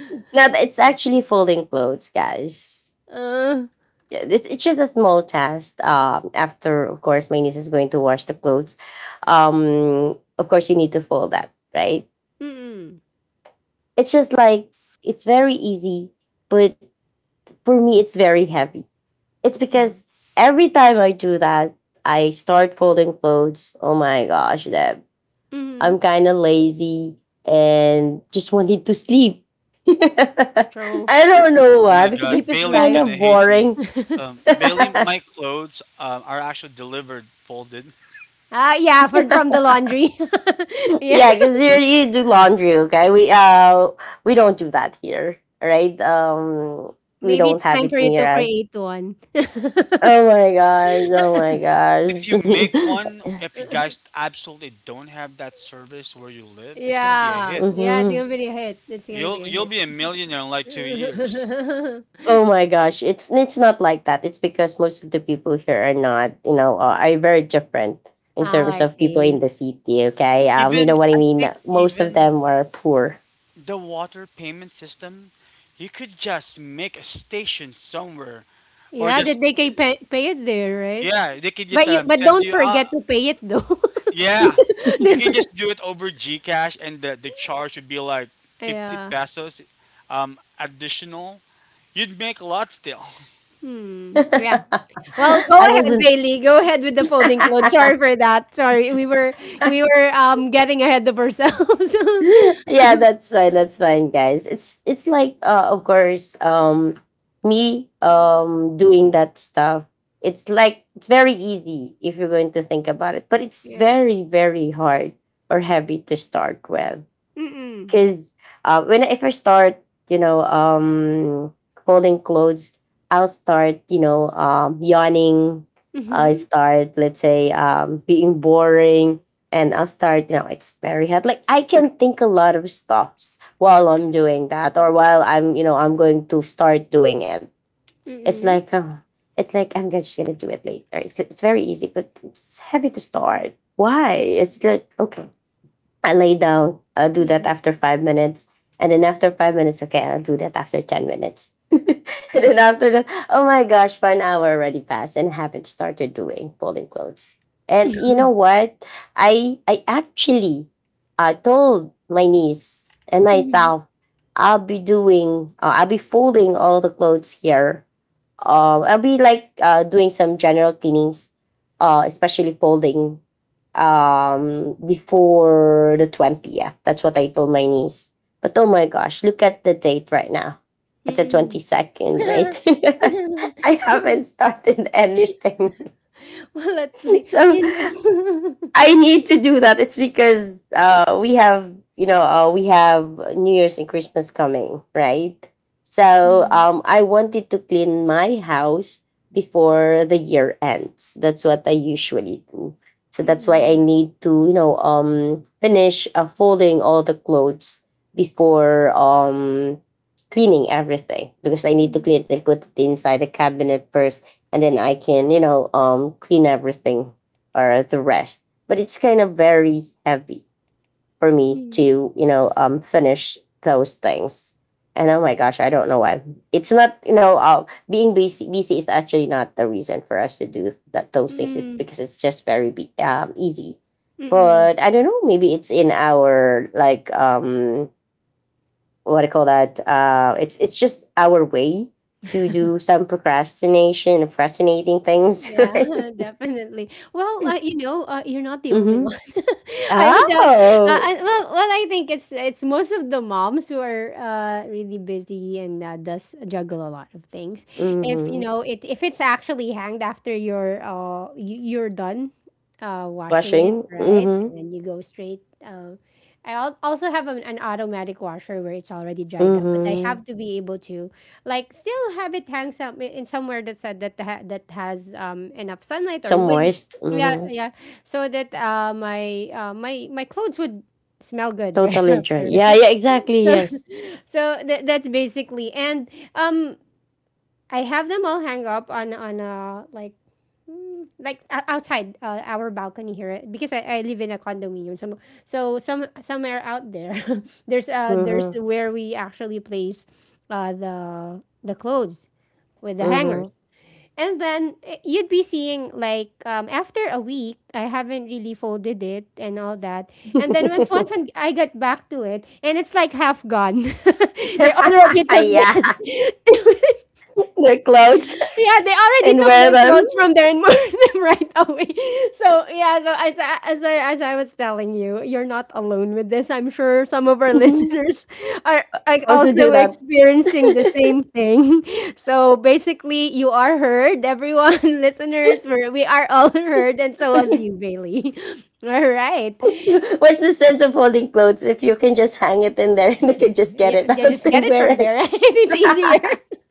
S2: No, it's actually folding clothes, guys.
S1: Uh,
S2: Yeah, it's just a small task. After, of course, my niece is going to wash the clothes. Of course, you need to fold that, right?
S1: mm-mm,
S2: It's just like it's very easy, but for me, it's very heavy. It's because every time I do that, I start folding clothes. Oh my gosh, Deb.
S1: mm-hmm.
S2: I'm kind of lazy and just wanted to sleep.
S1: True.
S2: I don't know
S3: Oh
S2: why,
S3: my
S2: because it's
S1: Sleep
S3: God,
S1: is
S3: Bailey's
S2: kind
S1: life.
S2: of
S3: gonna hate me.
S2: boring.
S3: Bailey,
S2: Yeah,
S3: my clothes are actually delivered folded.
S1: Ah, yeah, for, from the laundry. Yeah.
S2: because you do laundry, okay? We don't do that here, right? We
S1: Maybe
S2: don't
S1: it's
S2: have
S1: time
S2: it
S1: for you
S2: near
S1: to
S2: us.
S1: create one.
S2: Oh my gosh! Oh my
S3: Yeah, if you make
S2: gosh!
S3: one, if you guys absolutely don't have that service where you live, it's gonna be a
S1: Yeah.
S3: hit.
S1: Yeah, it's going
S2: Mhm.
S1: to be a hit. It's going to
S3: You'll
S1: be a
S3: you'll
S1: hit.
S3: be a millionaire in like 2 years.
S2: Oh my gosh, it's not like that. It's because most of the people here are not, you know, are very different
S1: Oh,
S2: in terms
S1: I
S2: of people in
S1: see.
S2: the city. Okay, you know
S3: Even
S2: what I
S3: I
S2: mean.
S3: think
S2: Most of
S3: even
S2: them are poor.
S3: the water payment system, you could just make a station somewhere, or
S1: Yeah,
S3: just
S1: did they pay, pay it there, right?
S3: yeah, they could just
S1: But you but
S3: send
S1: don't
S3: you. I'll,
S1: forget to pay it though.
S3: yeah, you can just do it over GCash, and the charge would be like 50
S1: Yeah.
S3: pesos, additional. You'd make a lot still.
S1: Hmm. Yeah. Well, go
S2: I
S1: ahead,
S2: wasn't.
S1: Bailey. Go ahead with the folding clothes. Sorry for that. Sorry, we were getting ahead of ourselves.
S2: Yeah, that's fine. That's fine, guys. It's like of course, me doing that stuff. It's like it's very easy if you're going to think about it, but it's
S1: Yeah.
S2: very very hard or heavy to start with.
S1: Mm.
S2: Because when I first start, you know, um, folding clothes, I'll start, yawning. I
S1: Mhm.
S2: start, let's say, being boring, and I'll start, experiment. Like I can think a lot of stuffs while I'm doing that, or while I'm, I'm going to start doing it. It's
S1: Mm.
S2: like, oh, it's like I'm just gonna do it later. It's very easy, but it's heavy to start. Why? It's like, okay, I lay down. I'll do that after 5 minutes. And then after 5 minutes, okay, I'll do that after 10 minutes. And then after that, oh my gosh, 1 hour already passed and haven't started doing folding clothes. And you know what? I actually told my niece and
S1: Mhm.
S2: myself, I'll be doing, I'll be folding all the clothes here, I'll be like doing some general cleanings, especially folding before the 20th. That's what I told my niece. But oh my gosh, look at the date right now. It's the
S1: Mm.
S2: 22nd, right? I haven't started anything.
S1: Well, at least
S2: So
S1: you know.
S2: I need to do that. It's because we have, we have New Year's and Christmas coming, right? So
S1: Mm.
S2: I wanted to clean my house before the year ends. That's what I usually do. So that's why I
S1: Mm.
S2: need to, finish folding all the clothes before cleaning everything, because I need to
S1: Mm.
S2: clean it and put it inside the cabinet first, and then I can, clean everything or the rest. But it's kind of very heavy for me
S1: Mm.
S2: to finish those things. And oh my gosh, I don't know why. It's not, being busy is actually not the reason for us to do that, those things. It's
S1: Mm.
S2: because it's just very easy.
S1: Mm, mm.
S2: But I don't know, maybe it's in our, like, what do you call that, it's just our way to do some procrastination procrastinating things.
S1: Yeah,
S2: Right?
S1: definitely. Well, you know, you're not the only
S2: Mm-hmm.
S1: one. I would,
S2: Oh.
S1: well, I think it's most of the moms who are, really busy and, does juggle a lot of things. If
S2: Mm-hmm.
S1: you know it, if it's actually hanged after you're you, you're done washing it,
S2: Washing?
S1: right,
S2: Mhm.
S1: and then you go straight. I also have an automatic washer where it's already dried up, but I
S2: Mhm.
S1: have to be able to like still have it hang some in somewhere that said that that has enough sunlight
S2: So
S1: or wind.
S2: moist,
S1: Yeah,
S2: mhm.
S1: yeah, so that my my my clothes would smell good right
S2: Totally dry.
S1: after,
S2: Yeah,
S1: right?
S2: yeah, exactly,
S1: So
S2: yes.
S1: so that's basically, and um I have them all hang up on like mm, like, outside, our balcony here, because I live in a condominium, so so some somewhere out there there's, there's
S2: Mhm,
S1: where we actually place, the clothes with the hangers.
S2: mhm.
S1: And then eh, you'd be seeing like after a week, I haven't really folded it and all that. And then once I got back to it, and it's like half gone. They already took
S2: Yeah,
S1: that.
S2: their clothes,
S1: Yeah, they already
S2: and
S1: took
S2: wear
S1: their
S2: them.
S1: clothes from there and moved them right away. So yeah, so as as I was telling you, you're not alone with this. I'm sure some of our
S2: Mhm.
S1: listeners are like
S2: Also do
S1: also
S2: that.
S1: experiencing the same thing. So basically, you are heard, everyone, listeners. We are all heard, and so was you, Bailey. All right.
S2: What's the sense of holding clothes if you can just hang it in there and you can just get
S1: Yeah,
S2: it
S1: yeah,
S2: out
S1: just get
S2: and
S1: it
S2: wear
S1: from
S2: it?
S1: there, right? It's easier.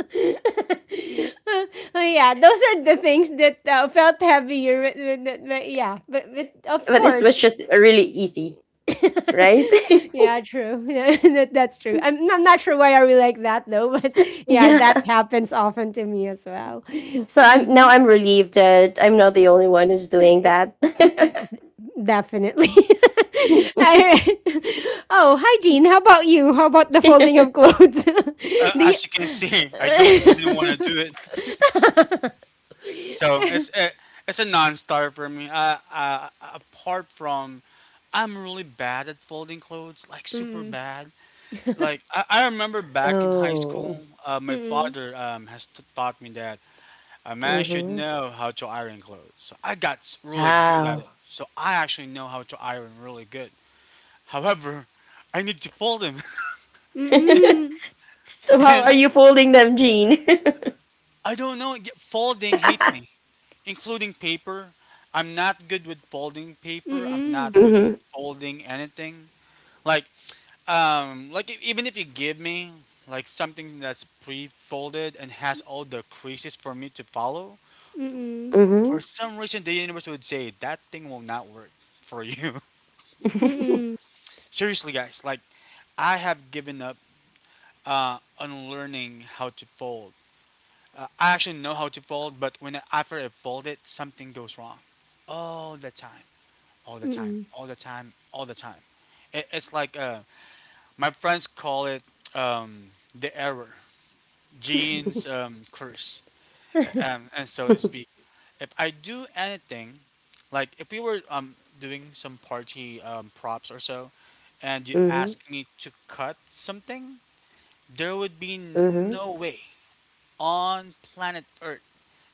S1: Oh yeah, those are the things that felt heavier. But, but yeah, but of
S2: But this
S1: course,
S2: was just really easy, right?
S1: yeah, true. That, that's true. I'm not sure why are we like that though, but yeah, that
S2: Yeah.
S1: happens often to me as well.
S2: So I'm
S1: Hmm.
S2: now I'm relieved that I'm not the only one who's doing that.
S1: Definitely. All right. Oh, hi Jean. How about you? How about the folding of clothes? Do you?
S3: As you can see, I don't even want to do it. So it's a, it's a non-starter for me. Apart from, I'm really bad at folding clothes, like super
S1: Mm.
S3: bad. Like I remember back in high school,
S2: Oh.
S3: my
S1: Mm-mm.
S3: father has taught me that a man should
S2: Mhm.
S3: know how to iron clothes. So I got really good at it.
S2: Wow.
S3: So I actually know how to iron really good. However, I need to fold them.
S1: Mm-mm.
S2: So how
S3: And
S2: are you folding them, Jean?
S3: I don't know, yet folding hates me, including paper. I'm not good with folding paper. I'm not
S1: Mm-mm.
S3: good with
S2: Mhm.
S3: folding anything. Like, Even if you give me like something that's pre-folded and has all the creases for me to follow,
S1: Mm-mm.
S3: for
S2: Mhm.
S3: some reason the universe would say that thing will not work for you.
S1: Mm-mm. Mm-mm.
S3: Seriously, guys, like I have given up on learning how to fold. I actually know how to fold, but after I fold it, something goes wrong all the time, all the time,
S1: Mm.
S3: all the time, all the time. It's like my friends call it um, the error, genes curse, and so to speak. If I do anything, like if we were doing some party props or so, and you
S2: Mhm.
S3: ask me to cut something, there would be
S2: Mhm.
S3: no way on planet Earth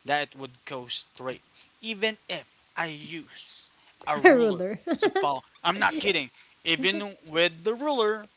S3: that it would go straight, even if I use a
S1: A
S3: ruler
S1: ruler.
S3: to follow. I'm not kidding. Even with the ruler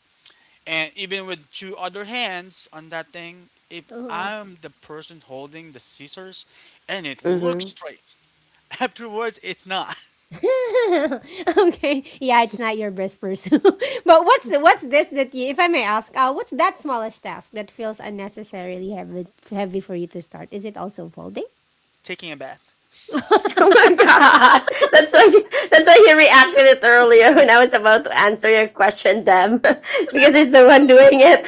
S3: and even with two other hands on that thing, if
S1: Uh-huh.
S3: I'm the person holding the scissors and it looks
S2: Mhm.
S3: straight, afterwards it's not.
S1: Okay. Yeah, it's not your best pursuit. But what's this that you, if I may ask, what's that smallest task that feels unnecessarily heavy for you to start? Is it also folding?
S3: Taking a bath.
S2: Oh my god. That's why she, that's why he reacted it earlier when I was about to answer your question, them. Because it's the one doing it.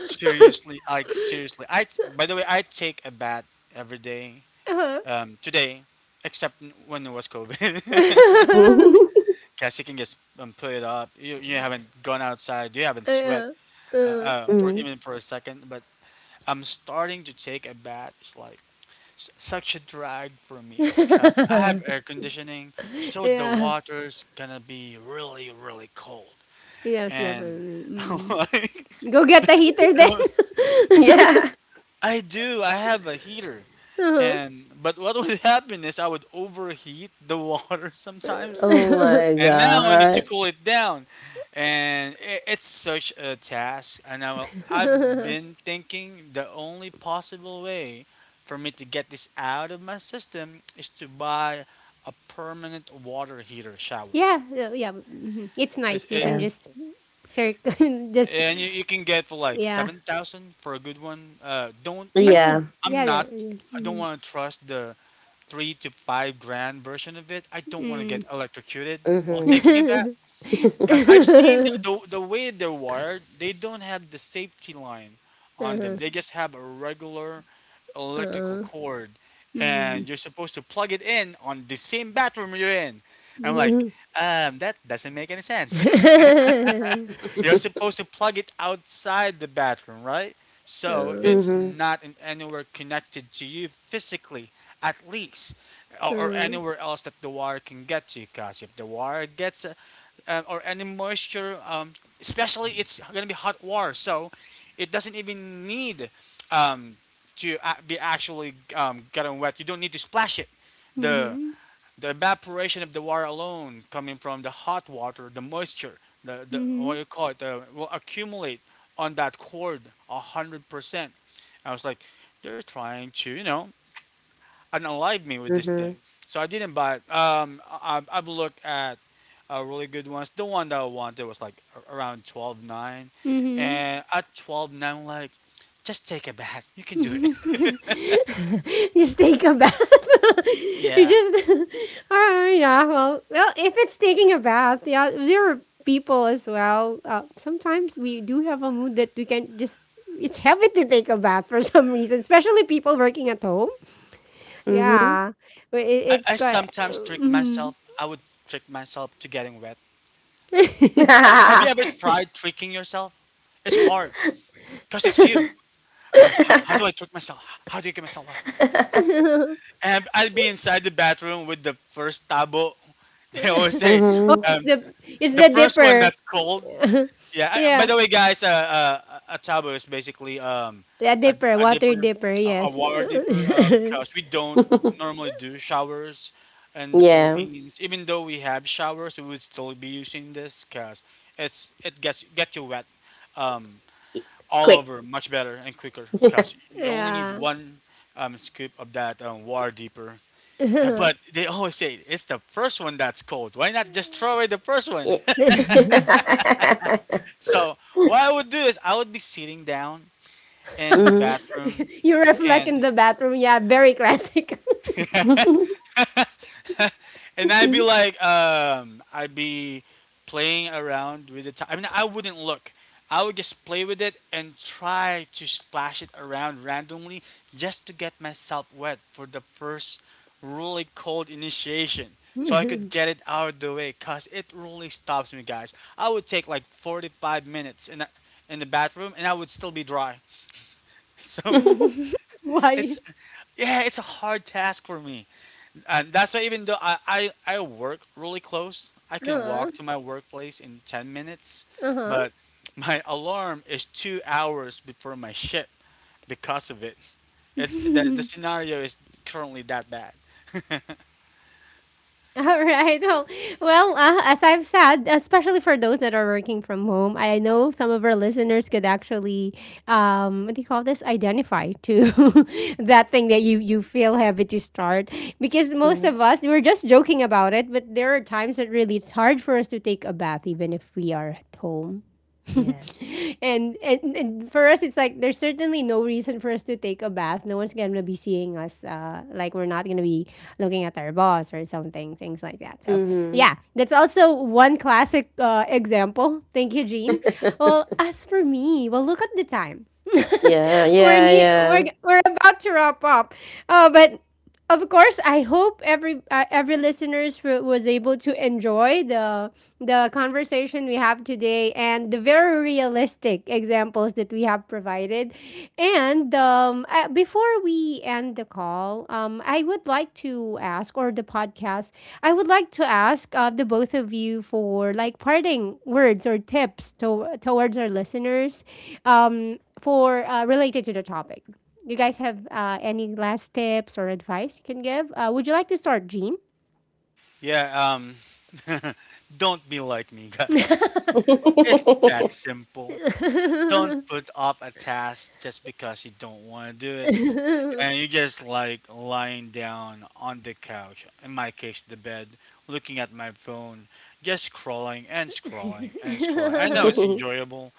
S3: Seriously, like seriously. I, by the way, I take a bath every day
S1: Uh-huh.
S3: today, except when it was COVID.
S2: Mhm.
S3: Because you can just put it up. You haven't gone outside. You haven't sweat
S1: Uh-huh. Uh-huh.
S3: for
S2: Mhm.
S3: even for a second. But I'm starting to take a bath. It's like such a drag for me. Because I have air conditioning, so the
S1: Yeah.
S3: water's gonna be really, really cold.
S1: Yes,
S3: And
S1: definitely. Mm-mm.
S3: like,
S1: Go get the heater then.
S3: those-
S2: Yeah.
S3: I do. I have a heater.
S1: Uh-huh.
S3: And but what would happen is I would overheat the water sometimes
S2: Oh my
S3: and now I need to
S2: god.
S3: cool it down. And I it's such a task. And I've been thinking the only possible way for me to get this out of my system is to buy a permanent water heater shower.
S1: Yeah, yeah. Mhm. It's
S3: It's-
S1: nice. You
S3: it,
S1: can
S2: Yeah.
S1: just circle, just
S3: and you can get for like
S1: yeah,
S3: 7,000 for a good one. Don't, I
S1: yeah,
S3: don't,
S2: Yeah.
S1: yeah. There.
S3: I don't
S1: Mhm,
S3: want to trust the 3 to 5 grand version of it. I don't want to get
S1: mm.
S3: electrocuted while
S2: Mhm.
S3: taking a bath.
S1: Uh-huh.
S3: Because
S2: Mhm.
S3: I've seen the way they're wired, they don't have the safety line on them. They just have a regular electrical
S1: Uh-huh.
S3: cord,
S1: Mm.
S3: and you're supposed to plug it in on the same bathroom you're in. I'm like,
S1: Mhm.
S3: that doesn't make any sense. You're supposed to plug it outside the bathroom, right? So
S1: Uh,
S3: it's
S2: Mhm.
S3: not in anywhere connected to you physically, at least, or
S1: uh,
S3: anywhere else that the water can get to. Because if the water gets or any moisture, especially it's gonna be hot water, so it doesn't even need um, be actually gotten wet. You don't need to splash it. The
S1: mhm,
S3: evaporation of the water alone, coming from the hot water, the moisture, the what
S1: mhm,
S3: you call it, the, will accumulate on that cord 100%. I was like, they're trying to, you know, unalive me with this thing.
S2: Mhm.
S3: So I didn't buy it. I've looked at really good ones. The one that I wanted was like around twelve nine,
S1: mhm.
S3: and at twelve nine, like, just take it back. You can do it.
S1: Just take a bath. You
S3: Yeah,
S1: just, oh yeah. Well, well, if it's taking a bath, yeah, there are people as well. Sometimes we do have a mood that we can just. It's heavy to take a bath for some reason, especially people working at home.
S2: Mhm.
S1: Yeah, but it,
S3: I,
S1: it's
S3: I
S1: quite.
S3: sometimes trick
S1: Mhm.
S3: myself. I would trick myself to getting wet. Have you ever
S2: S.
S3: tried tricking yourself? It's hard because it's you. I'm like, how do I trick myself? How do you get myself up?
S1: Oh,
S3: And I'd be inside the bathroom with the first tabo. They always say,
S2: Mhm.
S1: it's
S3: um,
S1: the it's
S3: the
S1: the
S3: first one
S1: dipper.
S3: that's cold. Yeah. I, by
S1: Yeah,
S3: the way, guys, a tabo is basically
S1: the
S3: a,
S1: dipper,
S3: a
S1: water
S3: dipper,
S1: dipper.
S3: a
S1: Yes.
S3: water dipper, because we don't normally do showers in the
S2: Yeah.
S3: Philippines. Even though we have showers, we would still be using this because it's it gets get you wet. Um,
S2: E
S3: all
S2: quick.
S3: over much better and quicker because you only need
S1: Yeah.
S3: one scoop of that water deeper.
S1: You
S3: But they always say it's the first one that's cold. Why not just throw away the first one?
S2: Ye.
S3: So what I would do is I would be sitting down in the
S2: Mhm.
S3: bathroom
S1: reflect in
S3: and
S1: the bathroom. Yeah, very classic.
S3: I'd be like, I'd be playing around with the time. I mean, I wouldn't look. I would just play with it and try to splash it around randomly just to get myself wet for the first really cold initiation so I could get it out of the way because it really stops me, guys. I would take like 45 minutes in the bathroom and I would still be dry. So it's,
S1: Why?
S3: yeah, it's a hard task for me, and that's why even though I work really close, I can
S1: Uh-huh.
S3: walk to my workplace in 10 minutes,
S1: Uh-huh.
S3: but my alarm is 2 hours before my shift because of it. It's the scenario is currently that bad.
S1: All right. Well, well as I've said, especially for those that are working from home, I know some of our listeners could actually, what do you call this, identify to that thing that you feel heavy to start. Because most
S2: Mhm.
S1: of us, we're just joking about it, but there are times that really it's hard for us to take a bath, even if we are at home.
S2: Yeah.
S1: And, and for us, it's like there's certainly no reason for us to take a bath. No one's gonna be seeing us. Like we're not gonna be looking at our boss or something, things like that. So
S2: Mhm.
S1: yeah, that's also one classic, example. Thank you, Jean. Well, as for me, well, look at the time.
S2: Yeah,
S1: We're
S2: yeah, yeah.
S1: we're about to wrap up. But of course, I hope every, every listeners was able to enjoy the conversation we have today and the very realistic examples that we have provided. And before we end the call, I would like to ask, or the podcast, I would like to ask, the both of you for like parting words or tips towards our listeners. For related to the topic. You guys have, any last tips or advice you can give? Would you like to start, Jean?
S3: Yeah, don't be like me, guys. It's that simple. Don't put off a task just because you don't want to do it. And you're just like lying down on the couch, in my case, the bed, looking at my phone, just scrolling and scrolling and scrolling. I know it's
S2: Mhm.
S3: enjoyable.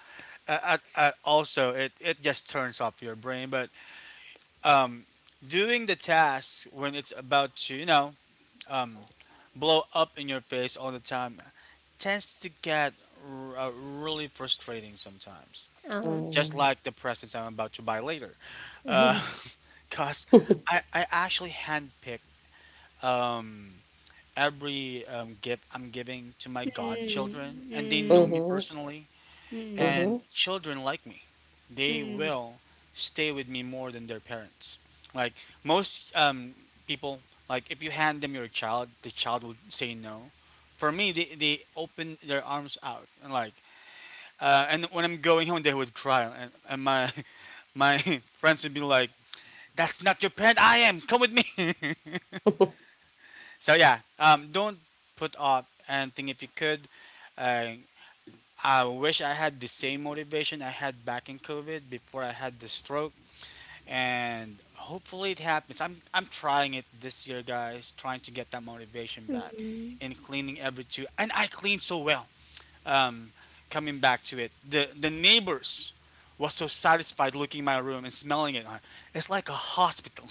S3: Also, it just turns off your brain, but um, doing the task when it's about to, you know, um, blow up in your face all the time tends to get really frustrating sometimes.
S1: Um,
S3: Just like the presents I'm about to buy later. Uh, Cause I actually handpick um every gift I'm giving to my
S1: mm,
S3: godchildren, and they know
S1: mm,
S3: me
S2: Mhm.
S3: personally
S1: mm,
S3: and
S2: Mhm.
S3: children like me. They
S1: mm,
S3: will stay with me more than their parents. Like most people, like if you hand them your child, the child will say no. For me they open their arms out and like and when I'm going home they would cry, and my my friends would be like, that's not your parent. I am. Come with me. So yeah, don't put up anything if you could. Uh, I wish I had the same motivation I had back in COVID before I had the stroke, and hopefully it happens. I'm trying it this year, guys, trying to get that motivation back
S1: mm.
S3: in cleaning every two, and I cleaned so well. Um, coming back to it, the neighbors was so satisfied looking in my room and smelling it. It's like a hospital.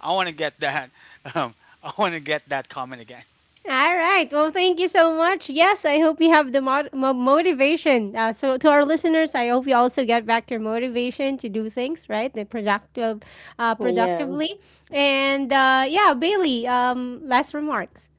S3: I want to get that. Um, I want to get that comment again.
S1: All right. Well, thank you so much. Yes, I hope you have the motivation. So, to our listeners, I hope you also get back your motivation to do things right, the productive,
S2: Yeah.
S1: productively. And yeah, Bailey. Last remarks.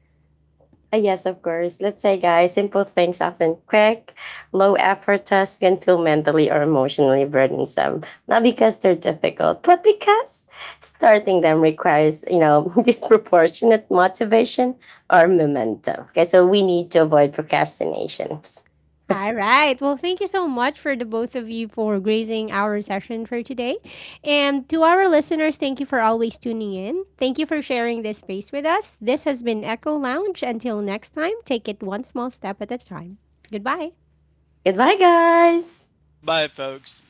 S2: Yes, of course. Let's say, guys, simple things, often quick, low effort tasks can feel mentally or emotionally burdensome. Not because they're difficult, but because starting them requires, you know, disproportionate motivation or momentum. Okay, so we need to avoid procrastinations.
S1: All right. Well, thank you so much for the both of you for gracing our session for today. And to our listeners, thank you for always tuning in. Thank you for sharing this space with us. This has been Echo Lounge. Until next time, take it one small step at a time. Goodbye.
S2: Goodbye, guys.
S3: Bye, folks.